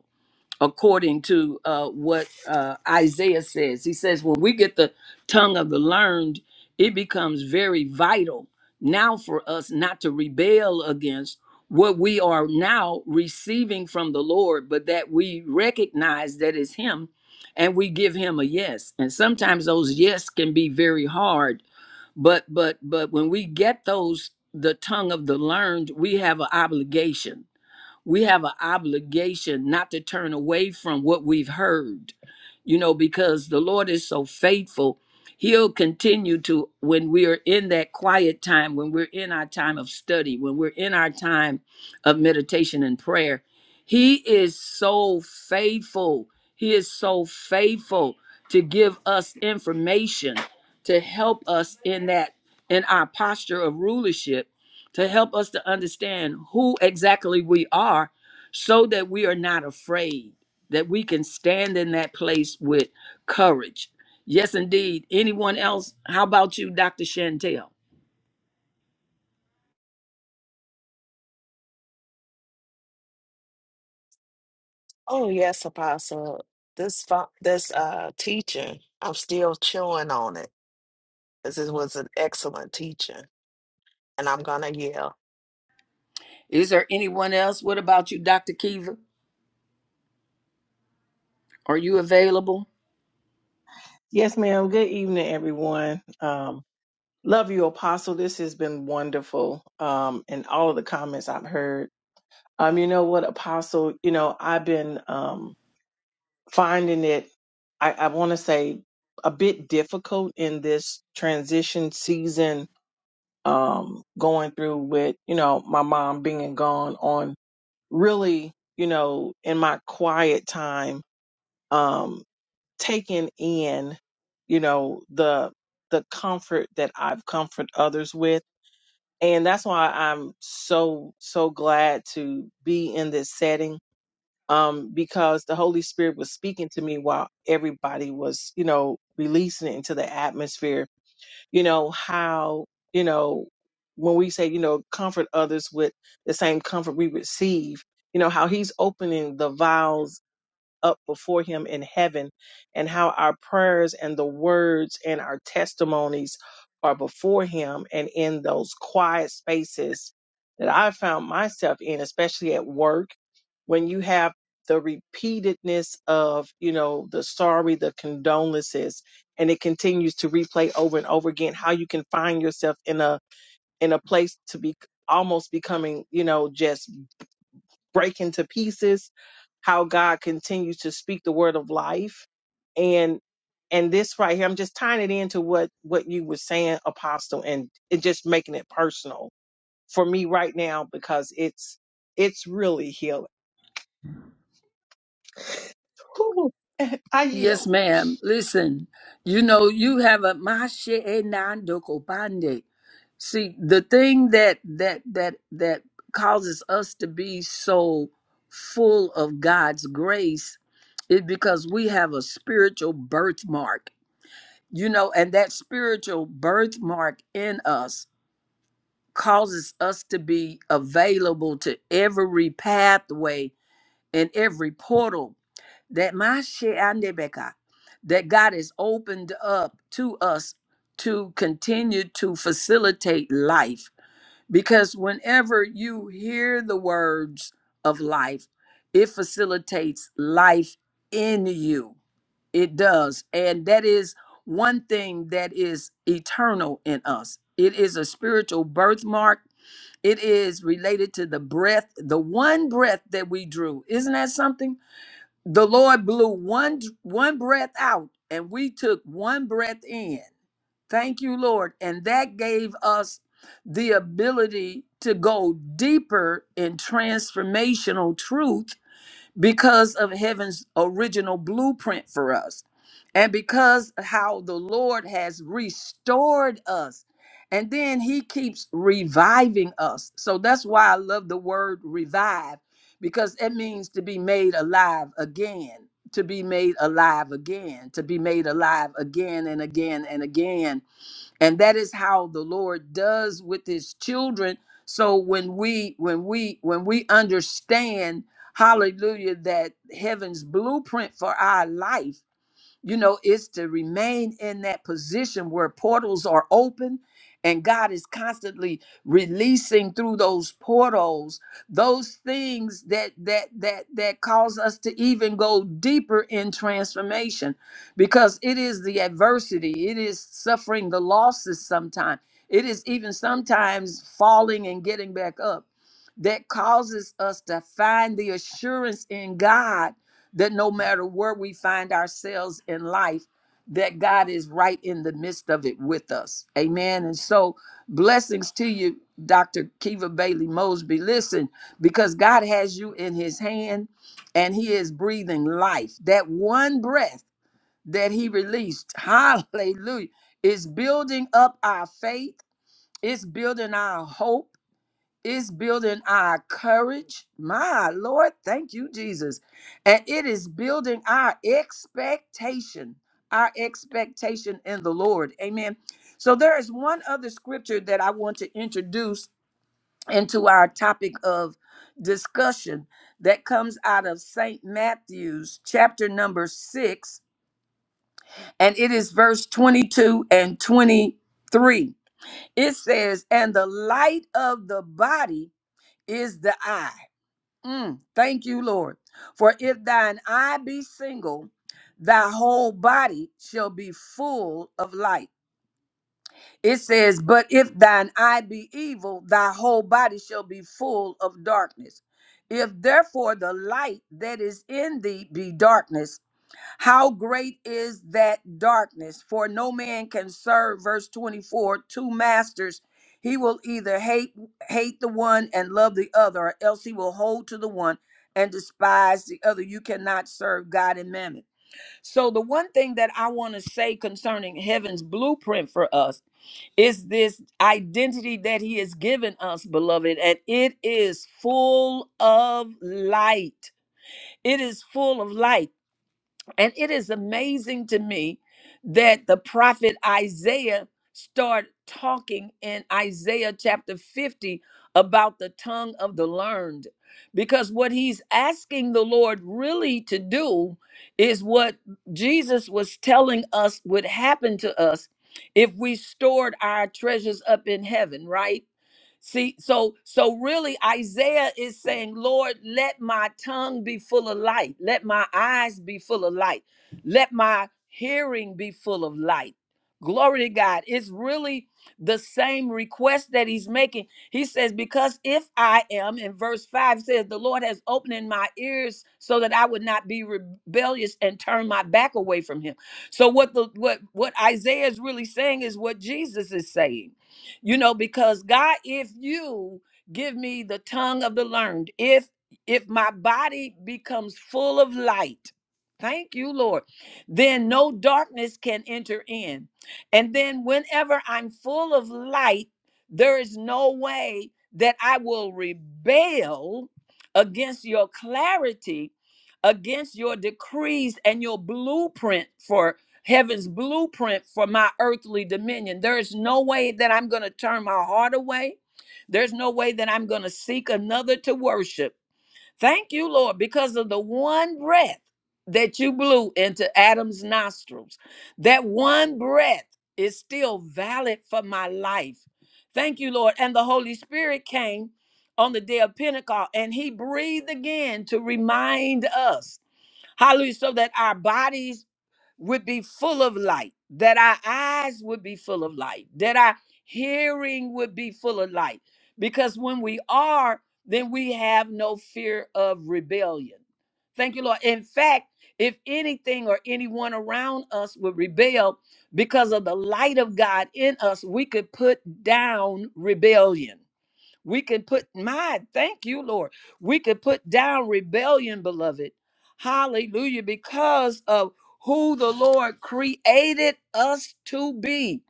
Speaker 1: according to uh, what uh, Isaiah says. He says, when we get the tongue of the learned, it becomes very vital now for us not to rebel against what we are now receiving from the Lord, but that we recognize that it's Him and we give Him a yes. And sometimes those yes can be very hard, but but but when we get those the tongue of the learned, we have an obligation we have an obligation not to turn away from what we've heard, you know, because the Lord is so faithful. He'll continue to, when we are in that quiet time, when we're in our time of study, when we're in our time of meditation and prayer, He is so faithful. He is so faithful to give us information to help us in that, in our posture of rulership to help us to understand who exactly we are so that we are not afraid, that we can stand in that place with courage. Yes, indeed. Anyone else? How about you, Dr. Chantel?
Speaker 3: Oh yes, Apostle. This fo- this uh teaching, I'm still chewing on it. because it was an excellent teaching, and I'm gonna yell.
Speaker 1: Is there anyone else? What about you, Dr. Kiva? Are you available?
Speaker 5: Yes, ma'am. Good evening, everyone. Um, love you, Apostle. This has been wonderful. Um, and all of the comments I've heard. Um, you know what, Apostle? You know, I've been um finding it. I, I want to say a bit difficult in this transition season. Um, going through with you know my mom being gone on really you know in my quiet time Um, taken in, you know, the the comfort that I've comfort others with. And that's why I'm so so glad to be in this setting. Um, because the Holy Spirit was speaking to me while everybody was, you know, releasing it into the atmosphere. You know, how, you know, when we say, you know, comfort others with the same comfort we receive, you know, how he's opening the vials up before him in heaven and how our prayers and the words and our testimonies are before him and in those quiet spaces that I found myself in, especially at work, when you have the repeatedness of, you know, the sorry, the condolences, and it continues to replay over and over again, how you can find yourself in a in a place to be almost becoming, you know, just break into pieces how God continues to speak the word of life and and this right here I'm just tying it into what what you were saying apostle and it just making it personal for me right now because it's it's really healing. Whew, I yield.
Speaker 1: Yes, ma'am. Listen, you know, you have a mashe enandoko bande. See, the thing that that that that causes us to be so full of God's grace is because we have a spiritual birthmark. You know, and that spiritual birthmark in us causes us to be available to every pathway and every portal that my shit and the back that God has opened up to us to continue to facilitate life. Because whenever you hear the words of life, it facilitates life in you. It does. And that is one thing that is eternal in us. It is a spiritual birthmark. It is related to the breath, the one breath that we drew. Isn't that something? the Lord blew one one breath out and we took one breath in. Thank you, Lord. And that gave us the ability to go deeper in transformational truth because of heaven's original blueprint for us and because how the lord has restored us and then he keeps reviving us so that's why i love the word revive because it means to be made alive again to be made alive again to be made alive again and again and again and that is how the lord does with his children so when we when we when we understand hallelujah that heaven's blueprint for our life you know, it's to remain in that position where portals are open and God is constantly releasing through those portals those things that that that that cause us to even go deeper in transformation because it is the adversity, it is suffering the losses sometimes. It is even sometimes falling and getting back up that causes us to find the assurance in God that no matter where we find ourselves in life, that God is right in the midst of it with us. Amen. And so, blessings to you, Dr. Kiva Bailey Mosby. Listen, because God has you in his hand and he is breathing life. That one breath that he released, *laughs* hallelujah, is building up our faith, it's building our hope is building our courage. My Lord, thank you, Jesus. And it is building our expectation, our expectation in the Lord. Amen. So there is one other scripture that I want to introduce into our topic of discussion that comes out of St. Matthew's chapter number 6 and it is verse 22 and 23. It says, "And the light of the body is the eye. Mm, thank you, Lord. For if thine eye be single, thy whole body shall be full of light. It says, But if thine eye be evil, thy whole body shall be full of darkness. If therefore the light that is in thee be darkness, how great is that darkness? For no man can serve, verse 24, two masters. He will either hate hate the one and love the other, or else he will hold to the one and despise the other. You cannot serve God and mammon. So the one thing that I want to say concerning heaven's blueprint for us is this identity that he has given us, beloved, and it is full of light. It is full of light. And it is amazing to me that the prophet Isaiah started talking in Isaiah chapter 50 about the tongue of the learned. Because what he's asking the Lord really to do is what Jesus was telling us would happen to us if we stored our treasures up in heaven, right? See, so so really Isaiah is saying, Lord, let my tongue be full of light, let my eyes be full of light, let my hearing be full of light. Glory to God. It's really the same request that he's making. He says, Because if I am, in verse 5 says, The Lord has opened my ears so that I would not be rebellious and turn my back away from him. So what the what what Isaiah is really saying is what Jesus is saying you know because god if you give me the tongue of the learned if if my body becomes full of light thank you lord then no darkness can enter in and then whenever i'm full of light there is no way that i will rebel against your clarity against your decrees and your blueprint for heaven's blueprint for my earthly dominion. There is no way that I'm going to turn my heart away. There's no way that I'm going to seek another to worship. Thank you, Lord, because of the one breath that you blew into Adam's nostrils. That one breath is still valid for my life. Thank you, Lord. And the Holy Spirit came on the day of Pentecost and he breathed again to remind us, hallelujah, so that our bodies would be full of light, that our eyes would be full of light, that our hearing would be full of light. Because when we are, then we have no fear of rebellion. Thank you, Lord. In fact, if anything or anyone around us would rebel because of the light of God in us, we could put down rebellion. We can put my thank you, Lord. We can put down rebellion, beloved. Hallelujah, because of who the Lord created us to be.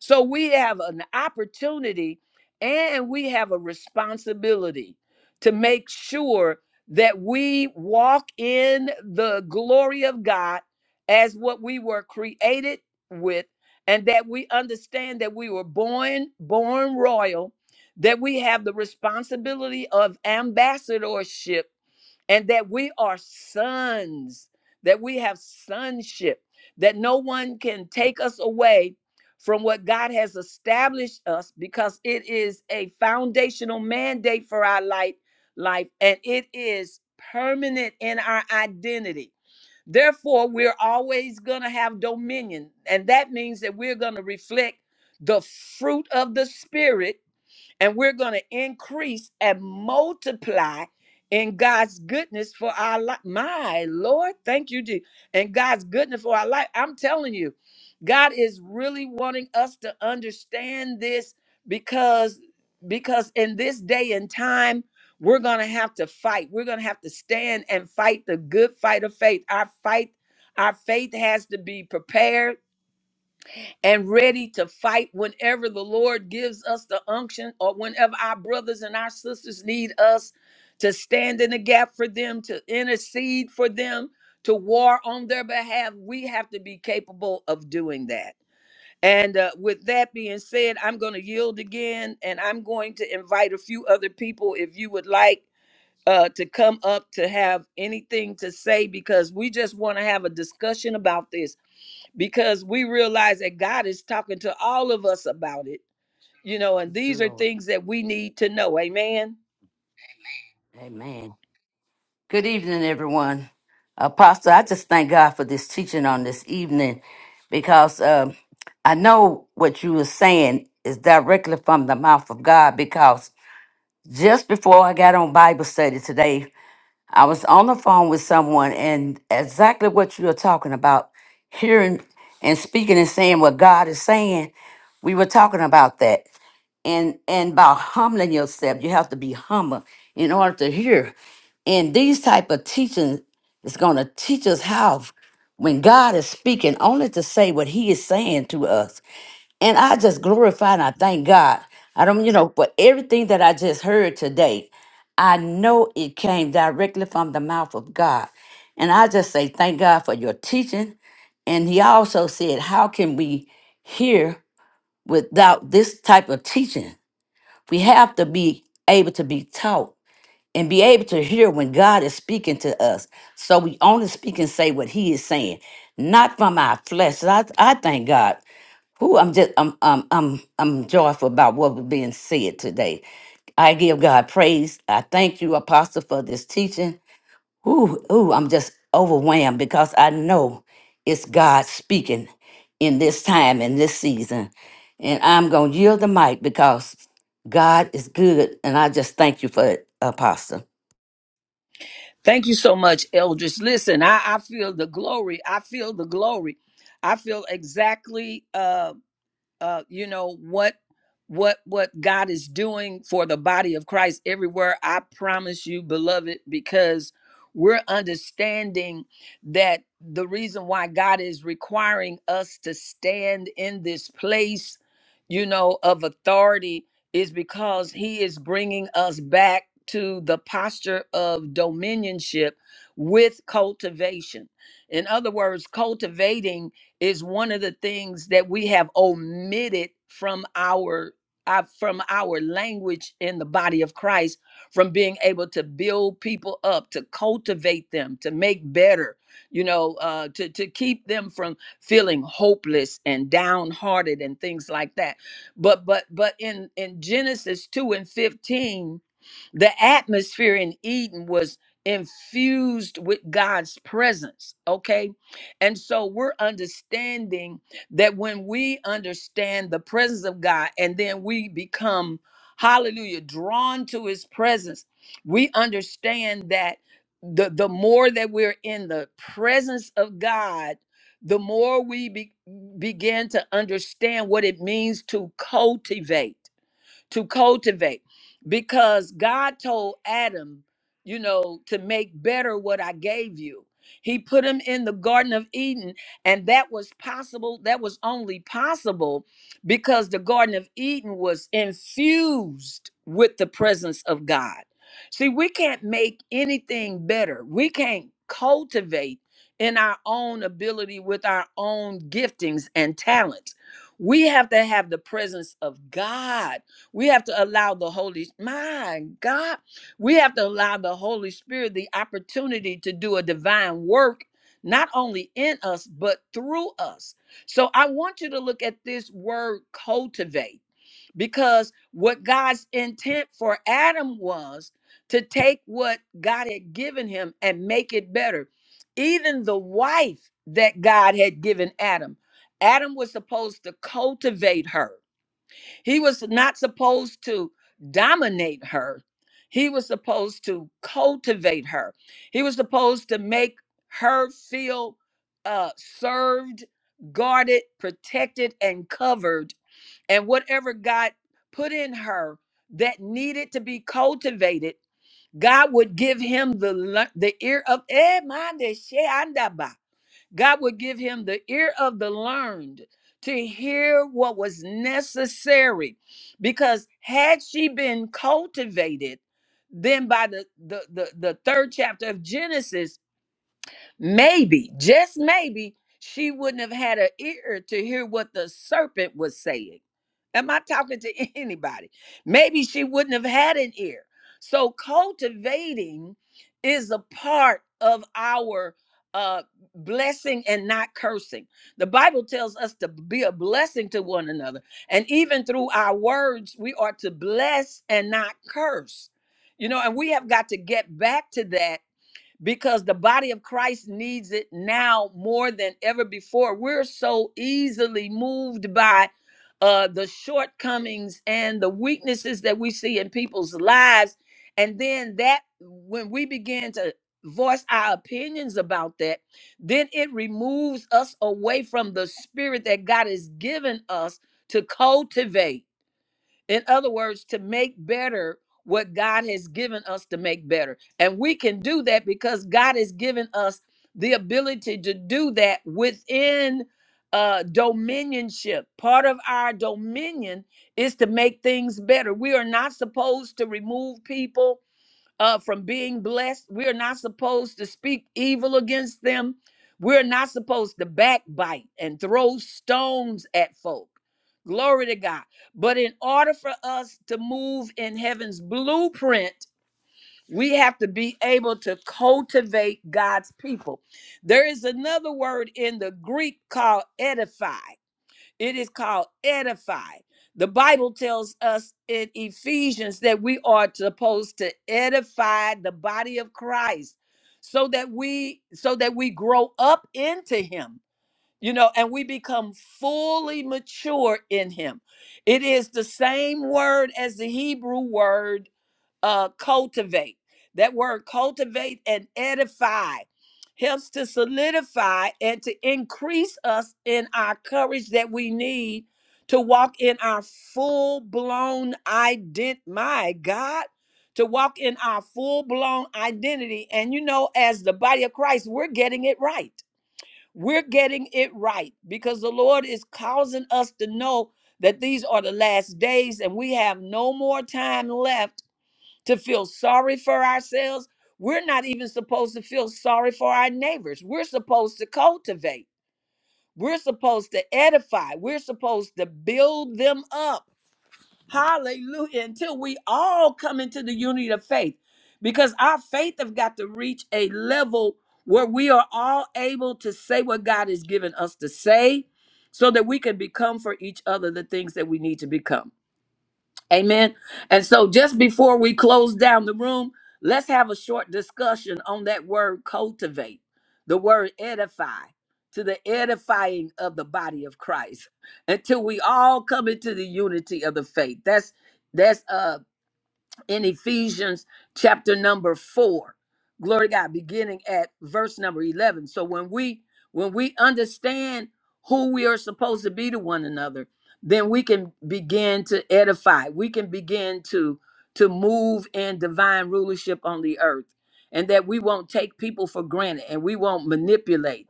Speaker 1: So we have an opportunity and we have a responsibility to make sure that we walk in the glory of God as what we were created with and that we understand that we were born born royal that we have the responsibility of ambassadorship and that we are sons, that we have sonship, that no one can take us away from what God has established us because it is a foundational mandate for our life, life and it is permanent in our identity. Therefore, we're always going to have dominion, and that means that we're going to reflect the fruit of the Spirit and we're going to increase and multiply in God's goodness for our life. My Lord, thank you, Jesus. And God's goodness for our life. I'm telling you, God is really wanting us to understand this because because in this day and time we're going to have to fight. We're going to have to stand and fight the good fight of faith. Our fight our faith has to be prepared and ready to fight whenever the Lord gives us the unction or whenever our brothers and our sisters need us to stand in the gap for them, to intercede for them, to war on their behalf. We have to be capable of doing that. And uh, with that being said, I'm going to yield again and I'm going to invite a few other people if you would like uh, to come up to have anything to say because we just want to have a discussion about this because we realize that God is talking to all of us about it, you know, and
Speaker 4: you,
Speaker 1: these are
Speaker 4: Lord.
Speaker 1: things that we need to know. Amen.
Speaker 4: Amen. Good evening, everyone. Apostle, I just thank God for this teaching on this evening because um, I know what you were saying is directly from the mouth of God because just before I got on Bible study today, I was on the phone with someone, and exactly what you are talking about, hearing and speaking and saying what God is saying, we were talking about that. And and by humbling yourself, you have to be humble in order to hear. And these type of teaching is going to teach us how, when God is speaking, only to say what He is saying to us and I just glorify and I thank God. I don't, you know, but everything that I just heard today, I know it came directly from the mouth of God. And I just say, thank God for your teaching. And he also said, how can we hear without this type of teaching? We have to be able to be taught and be able to hear when God is speaking to us. So we only speak and say what he is saying, not from our flesh. So I, I thank God. Who I'm just I'm I'm I'm I'm joyful about what was being said today. I give God praise. I thank you, Apostle, for this teaching. Ooh, ooh, I'm just overwhelmed because I know it's God speaking in this time and this season. And I'm gonna yield the mic because God is good and I just thank you for it, Apostle.
Speaker 1: Thank you so much, Eldris. Listen, I, I feel the glory. I feel the glory. I feel exactly. Um, uh, you know what what what God is doing for the body of Christ everywhere. I promise you, beloved, because we're understanding that the reason why God is requiring us to stand in this place, you know, of authority is because He is bringing us back to the posture of dominionship with cultivation. In other words, cultivating is one of the things that we have omitted from our uh, from our language in the body of Christ, from being able to build people up, to cultivate them, to make better, you know, uh, to to keep them from feeling hopeless and downhearted and things like that. But but but in in Genesis two and fifteen, the atmosphere in Eden was infused with God's presence. Okay and so we're understanding that when we understand the presence of God and then we become, hallelujah, drawn to his presence, we understand that the, the more that we're in the presence of God, the more we be, begin to understand what it means to cultivate to cultivate because God told Adam, you know, to make better what I gave you. He put him in the Garden of Eden, and that was possible. That was only possible because the Garden of Eden was infused with the presence of God. See, we can't make anything better, we can't cultivate in our own ability with our own giftings and talents. We have to have the presence of God we have to allow the Holy, my God, we have to allow the Holy Spirit the opportunity to do a divine work, not only in us, but through us. So I want you to look at this word cultivate, because what God's intent for Adam was to take what God had given him and make it better. Even the wife that God had given Adam, Adam was supposed to cultivate her. He was not supposed to dominate her. He was supposed to cultivate her. He was supposed to make her feel uh, served, guarded, protected, and covered. And whatever God put in her that needed to be cultivated, God would give him the le- the ear of eh, mande she andaba." God would give him the ear of the learned to hear what was necessary. Because had she been cultivated, then by the, the, the, the third chapter of Genesis, maybe, just maybe, she wouldn't have had an ear to hear what the serpent was saying. Am I talking to *laughs* anybody? Maybe she wouldn't have had an ear. So cultivating is a part of our uh blessing and not cursing. The Bible tells us to be a blessing to one another. And even through our words, we are to bless and not curse. You know, and we have got to get back to that because the body of Christ needs it now more than ever before. We're so easily moved by uh, the shortcomings and the weaknesses that we see in people's lives. And then that, when we begin to voice our opinions about that, then it removes us away from the spirit that God has given us to cultivate in other words, to make better what God has given us to make better. And we can do that because God has given us the ability to do that within uh dominionship. Part of our dominion is to make things better. We are not supposed to remove people uh, from being blessed. We're not supposed to speak evil against them. We're not supposed to backbite and throw stones at folk. Glory to God. But in order for us to move in heaven's blueprint, we have to be able to cultivate God's people. There is another word in the Greek called edify. It is called edify. The Bible tells us in Ephesians that we are supposed to edify the body of Christ so that we so that we grow up into him. You know, and we become fully mature in him. It is the same word as the Hebrew word uh, cultivate. That word cultivate and edify helps to solidify and to increase us in our courage that we need to walk in our full blown ident. My God, to walk in our full blown identity. And you know, as the body of Christ, we're getting it right. We're getting it right because the Lord is causing us to know that these are the last days and we have no more time left to feel sorry for ourselves. We're not even supposed to feel sorry for our neighbors. We're supposed to cultivate, we're supposed to edify, we're supposed to build them up. Hallelujah. Until we all come into the unity of faith, because our faith have got to reach a level where we are all able to say what God has given us to say so that we can become for each other the things that we need to become. Amen. And so, just before we close down the room, let's have a short discussion on that word cultivate, the word edify, to the edifying of the body of Christ, until we all come into the unity of the faith. That's that's uh in Ephesians chapter number 4. Glory to God, beginning at verse number 11. So when we when we understand who we are supposed to be to one another, then we can begin to edify. We can begin to to move in divine rulership on the earth and that we won't take people for granted and we won't manipulate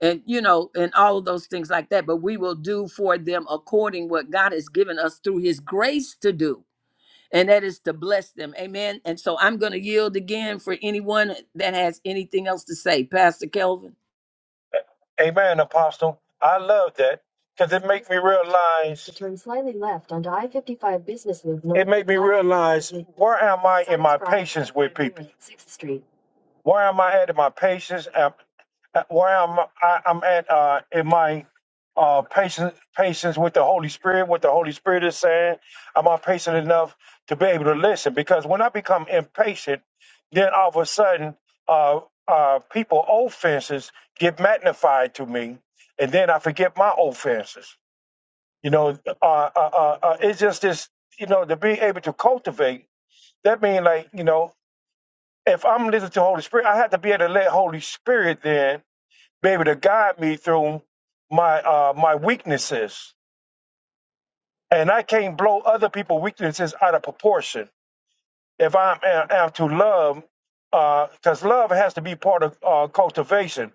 Speaker 1: and you know and all of those things like that but we will do for them according what God has given us through his grace to do and that is to bless them. Amen. And so I'm going to yield again for anyone that has anything else to say. Pastor Kelvin.
Speaker 6: Amen, Apostle. I love that because it makes me realize. Turn slightly left onto I-55 Business Loop. North. It made me realize where am I in my patience with people? Where am I at in my patience? Am- Where am I? I'm at uh, in my uh, patience, patience with the Holy Spirit. What the Holy Spirit is saying. Am I patient enough to be able to listen? Because when I become impatient, then all of a sudden, uh, uh, people offenses get magnified to me, and then I forget my offenses. You know, uh, uh, uh, uh, it's just this. You know, to be able to cultivate. That means like you know if I'm listening to Holy Spirit, I have to be able to let Holy Spirit then be able to guide me through my uh, my weaknesses, and I can't blow other people's weaknesses out of proportion. If I'm am am to love, because love has to be part of uh, cultivation,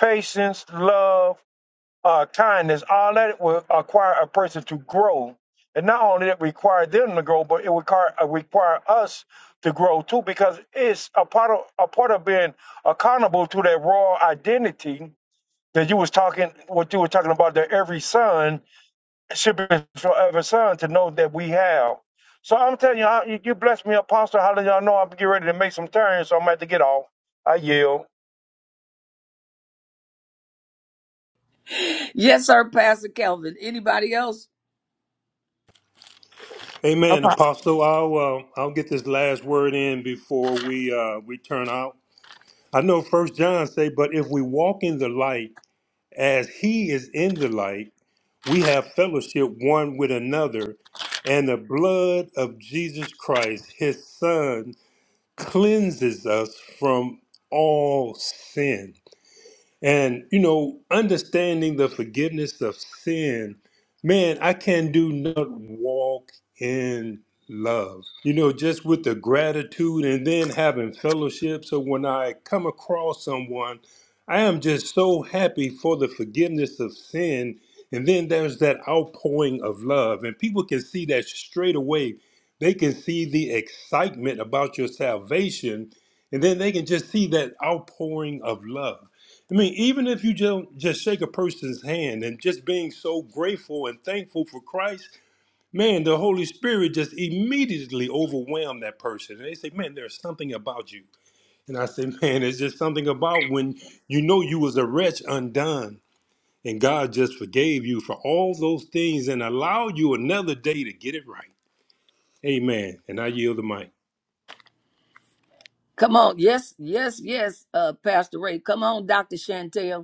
Speaker 6: patience, love uh, kindness, all that will acquire a person to grow. And not only that require them to grow, but it would require, uh, require us to grow too, because it's a part of a part of being accountable to that raw identity that you was talking, what you were talking about. That every son should be for every son to know that we have. So I'm telling you, I, you you blessed me, Apostle. How do y'all know I'm getting ready to make some turns? So I'm about to get off. I yield.
Speaker 1: *gasps* Yes, sir, Pastor Kelvin. Anybody else?
Speaker 7: Amen,
Speaker 3: Apostle.
Speaker 7: Apostle. I'll uh, I'll get this last word in before we uh, we turn out. I know First John say, but if we walk in the light as He is in the light, we have fellowship one with another, and the blood of Jesus Christ, His Son, cleanses us from all sin. And, you know, understanding the forgiveness of sin, man, I can do not walk in love. You know, just with the gratitude and then having fellowship. So when I come across someone, I am just so happy for the forgiveness of sin. And then there's that outpouring of love. And people can see that straight away. They can see the excitement about your salvation. And then they can just see that outpouring of love. I mean, even if you don't just shake a person's hand and just being so grateful and thankful for Christ, man, the Holy Spirit just immediately overwhelmed that person. And they say, man, there's something about you. And I say, *laughs* man, it's just something about when you know you was a wretch undone and God just forgave you for all those things and allowed you another day to get it right. Amen. And I yield the mic.
Speaker 1: Come on. Yes, yes, yes, uh, Pastor Ray. Come on, Dr. Chantel.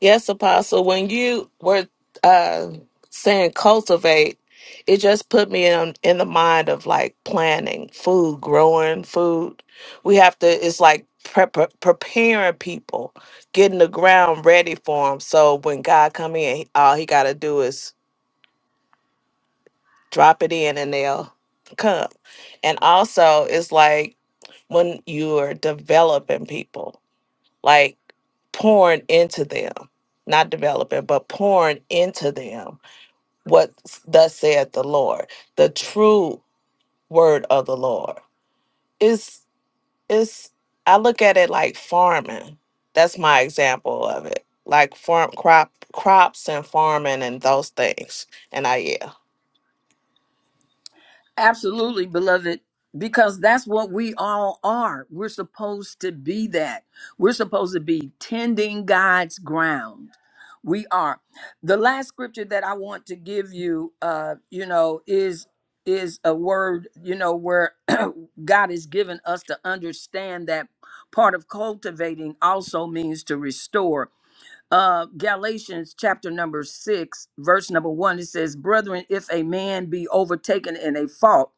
Speaker 3: Yes, Apostle, when you were uh, saying cultivate, it just put me in in the mind of like planning food, growing food. We have to. It's like pre- preparing people, getting the ground ready for them. So when God come in, all he got to do is drop it in and they'll come. And also, it's like when you're developing people, like pouring into them, not developing, but pouring into them what s- thus saith the Lord, the true word of the Lord. Is is I look at it like farming. That's my example of it. Like farm crop crops and farming and those things. And I yeah.
Speaker 1: Absolutely, beloved, because that's what we all are. We're supposed to be that. We're supposed to be tending God's ground. We are. The last scripture that I want to give you, uh, you know, is is a word, you know, where *clears throat* God has given us to understand that part of cultivating also means to restore. Uh, Galatians chapter number six, verse number one, it says, Brethren, if a man be overtaken in a fault,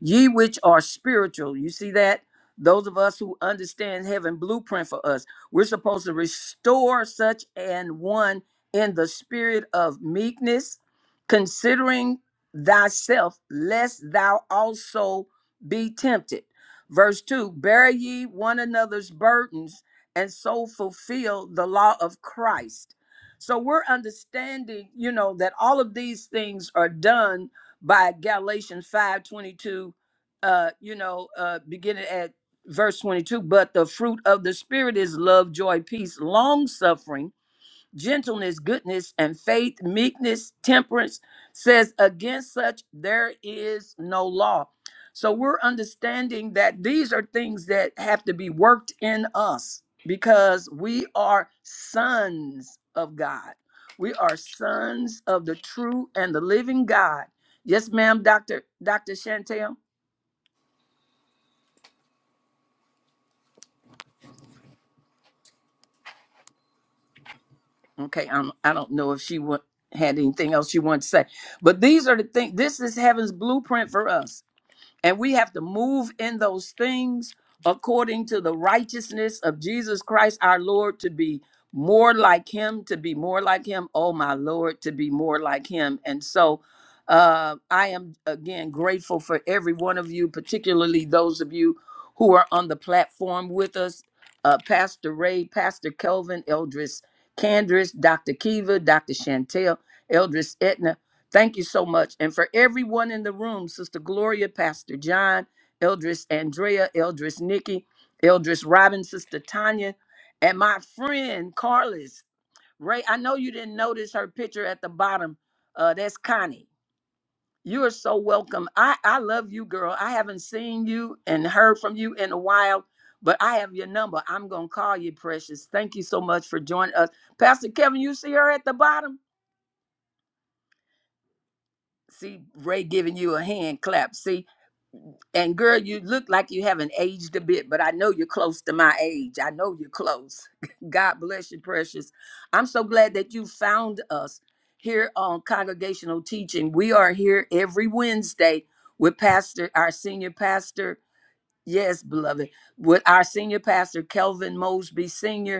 Speaker 1: Ye which are spiritual, you see that? Those of us who understand heaven blueprint for us, we're supposed to restore such an one in the spirit of meekness, considering thyself, lest thou also be tempted. Verse 2 Bear ye one another's burdens, and so fulfill the law of Christ. So we're understanding, you know, that all of these things are done by Galatians 5:22, uh, you know, uh, beginning at verse 22. But the fruit of the Spirit is love, joy, peace, long suffering gentleness, goodness, and faith, meekness, temperance, says, Against such there is no law. So we're understanding that these are things that have to be worked in us because we are sons of God. We are sons of the true and the living God. Yes, ma'am, Dr. Dr. Chantel. Okay, I'm, I don't know if she wa- had anything else she wanted to say, but these are the things. This is heaven's blueprint for us And we have to move in those things according to the righteousness of Jesus Christ our Lord to be more like him, to be more like him. Oh, my Lord, to be more like him. And so uh, I am again grateful for every one of you, particularly those of you who are on the platform with us uh, Pastor Ray, Pastor Kelvin, Eldris Candris, Dr. Kiva, Dr. Chantel, Eldris Etna. Thank you so much. And for everyone in the room, Sister Gloria, Pastor John, Eldris Andrea, Eldris Nikki, Eldris Robin, Sister Tanya, and my friend Carlos. Ray, I know you didn't notice her picture at the bottom. Uh, that's Connie. You are so welcome. I, I love you, girl. I haven't seen you and heard from you in a while, but I have your number. I'm going to call you, precious. Thank you so much for joining us. Pastor Kevin, you see her at the bottom? See Ray giving you a hand clap. See, And girl, you look like you haven't aged a bit, but I know you're close to my age. I know you're close. *laughs* God bless you, precious. I'm so glad that you found us here on Congregational Teaching. We are here every Wednesday with Pastor, our senior pastor. Yes, beloved, with our senior pastor, Kelvin Mosby Sr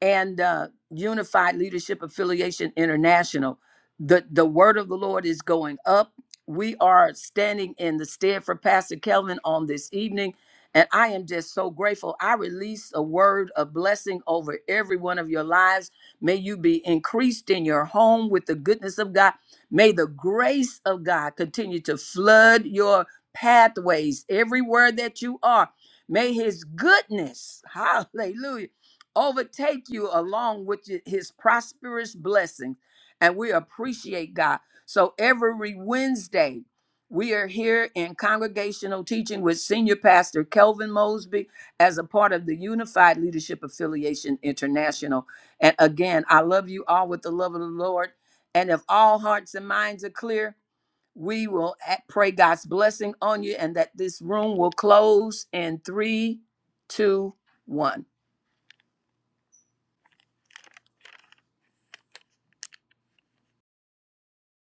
Speaker 1: and uh, Unified Leadership Affiliation International. The, the word of the Lord is going up. We are standing in the stead for Pastor Kelvin on this evening. And I am just so grateful. I release a word of blessing over every one of your lives. May you be increased in your home with the goodness of God. May the grace of God continue to flood your pathways everywhere that you are. May his goodness, *laughs* hallelujah overtake you along with y- his prosperous blessings. And we appreciate God. So every Wednesday, we are here in congregational teaching with Senior Pastor Kelvin Mosby as a part of the Unified Leadership Affiliation International. And again, I love you all with the love of the Lord. And if all hearts and minds are clear, we will a- pray God's blessing on you and that this room will close in three, two, one.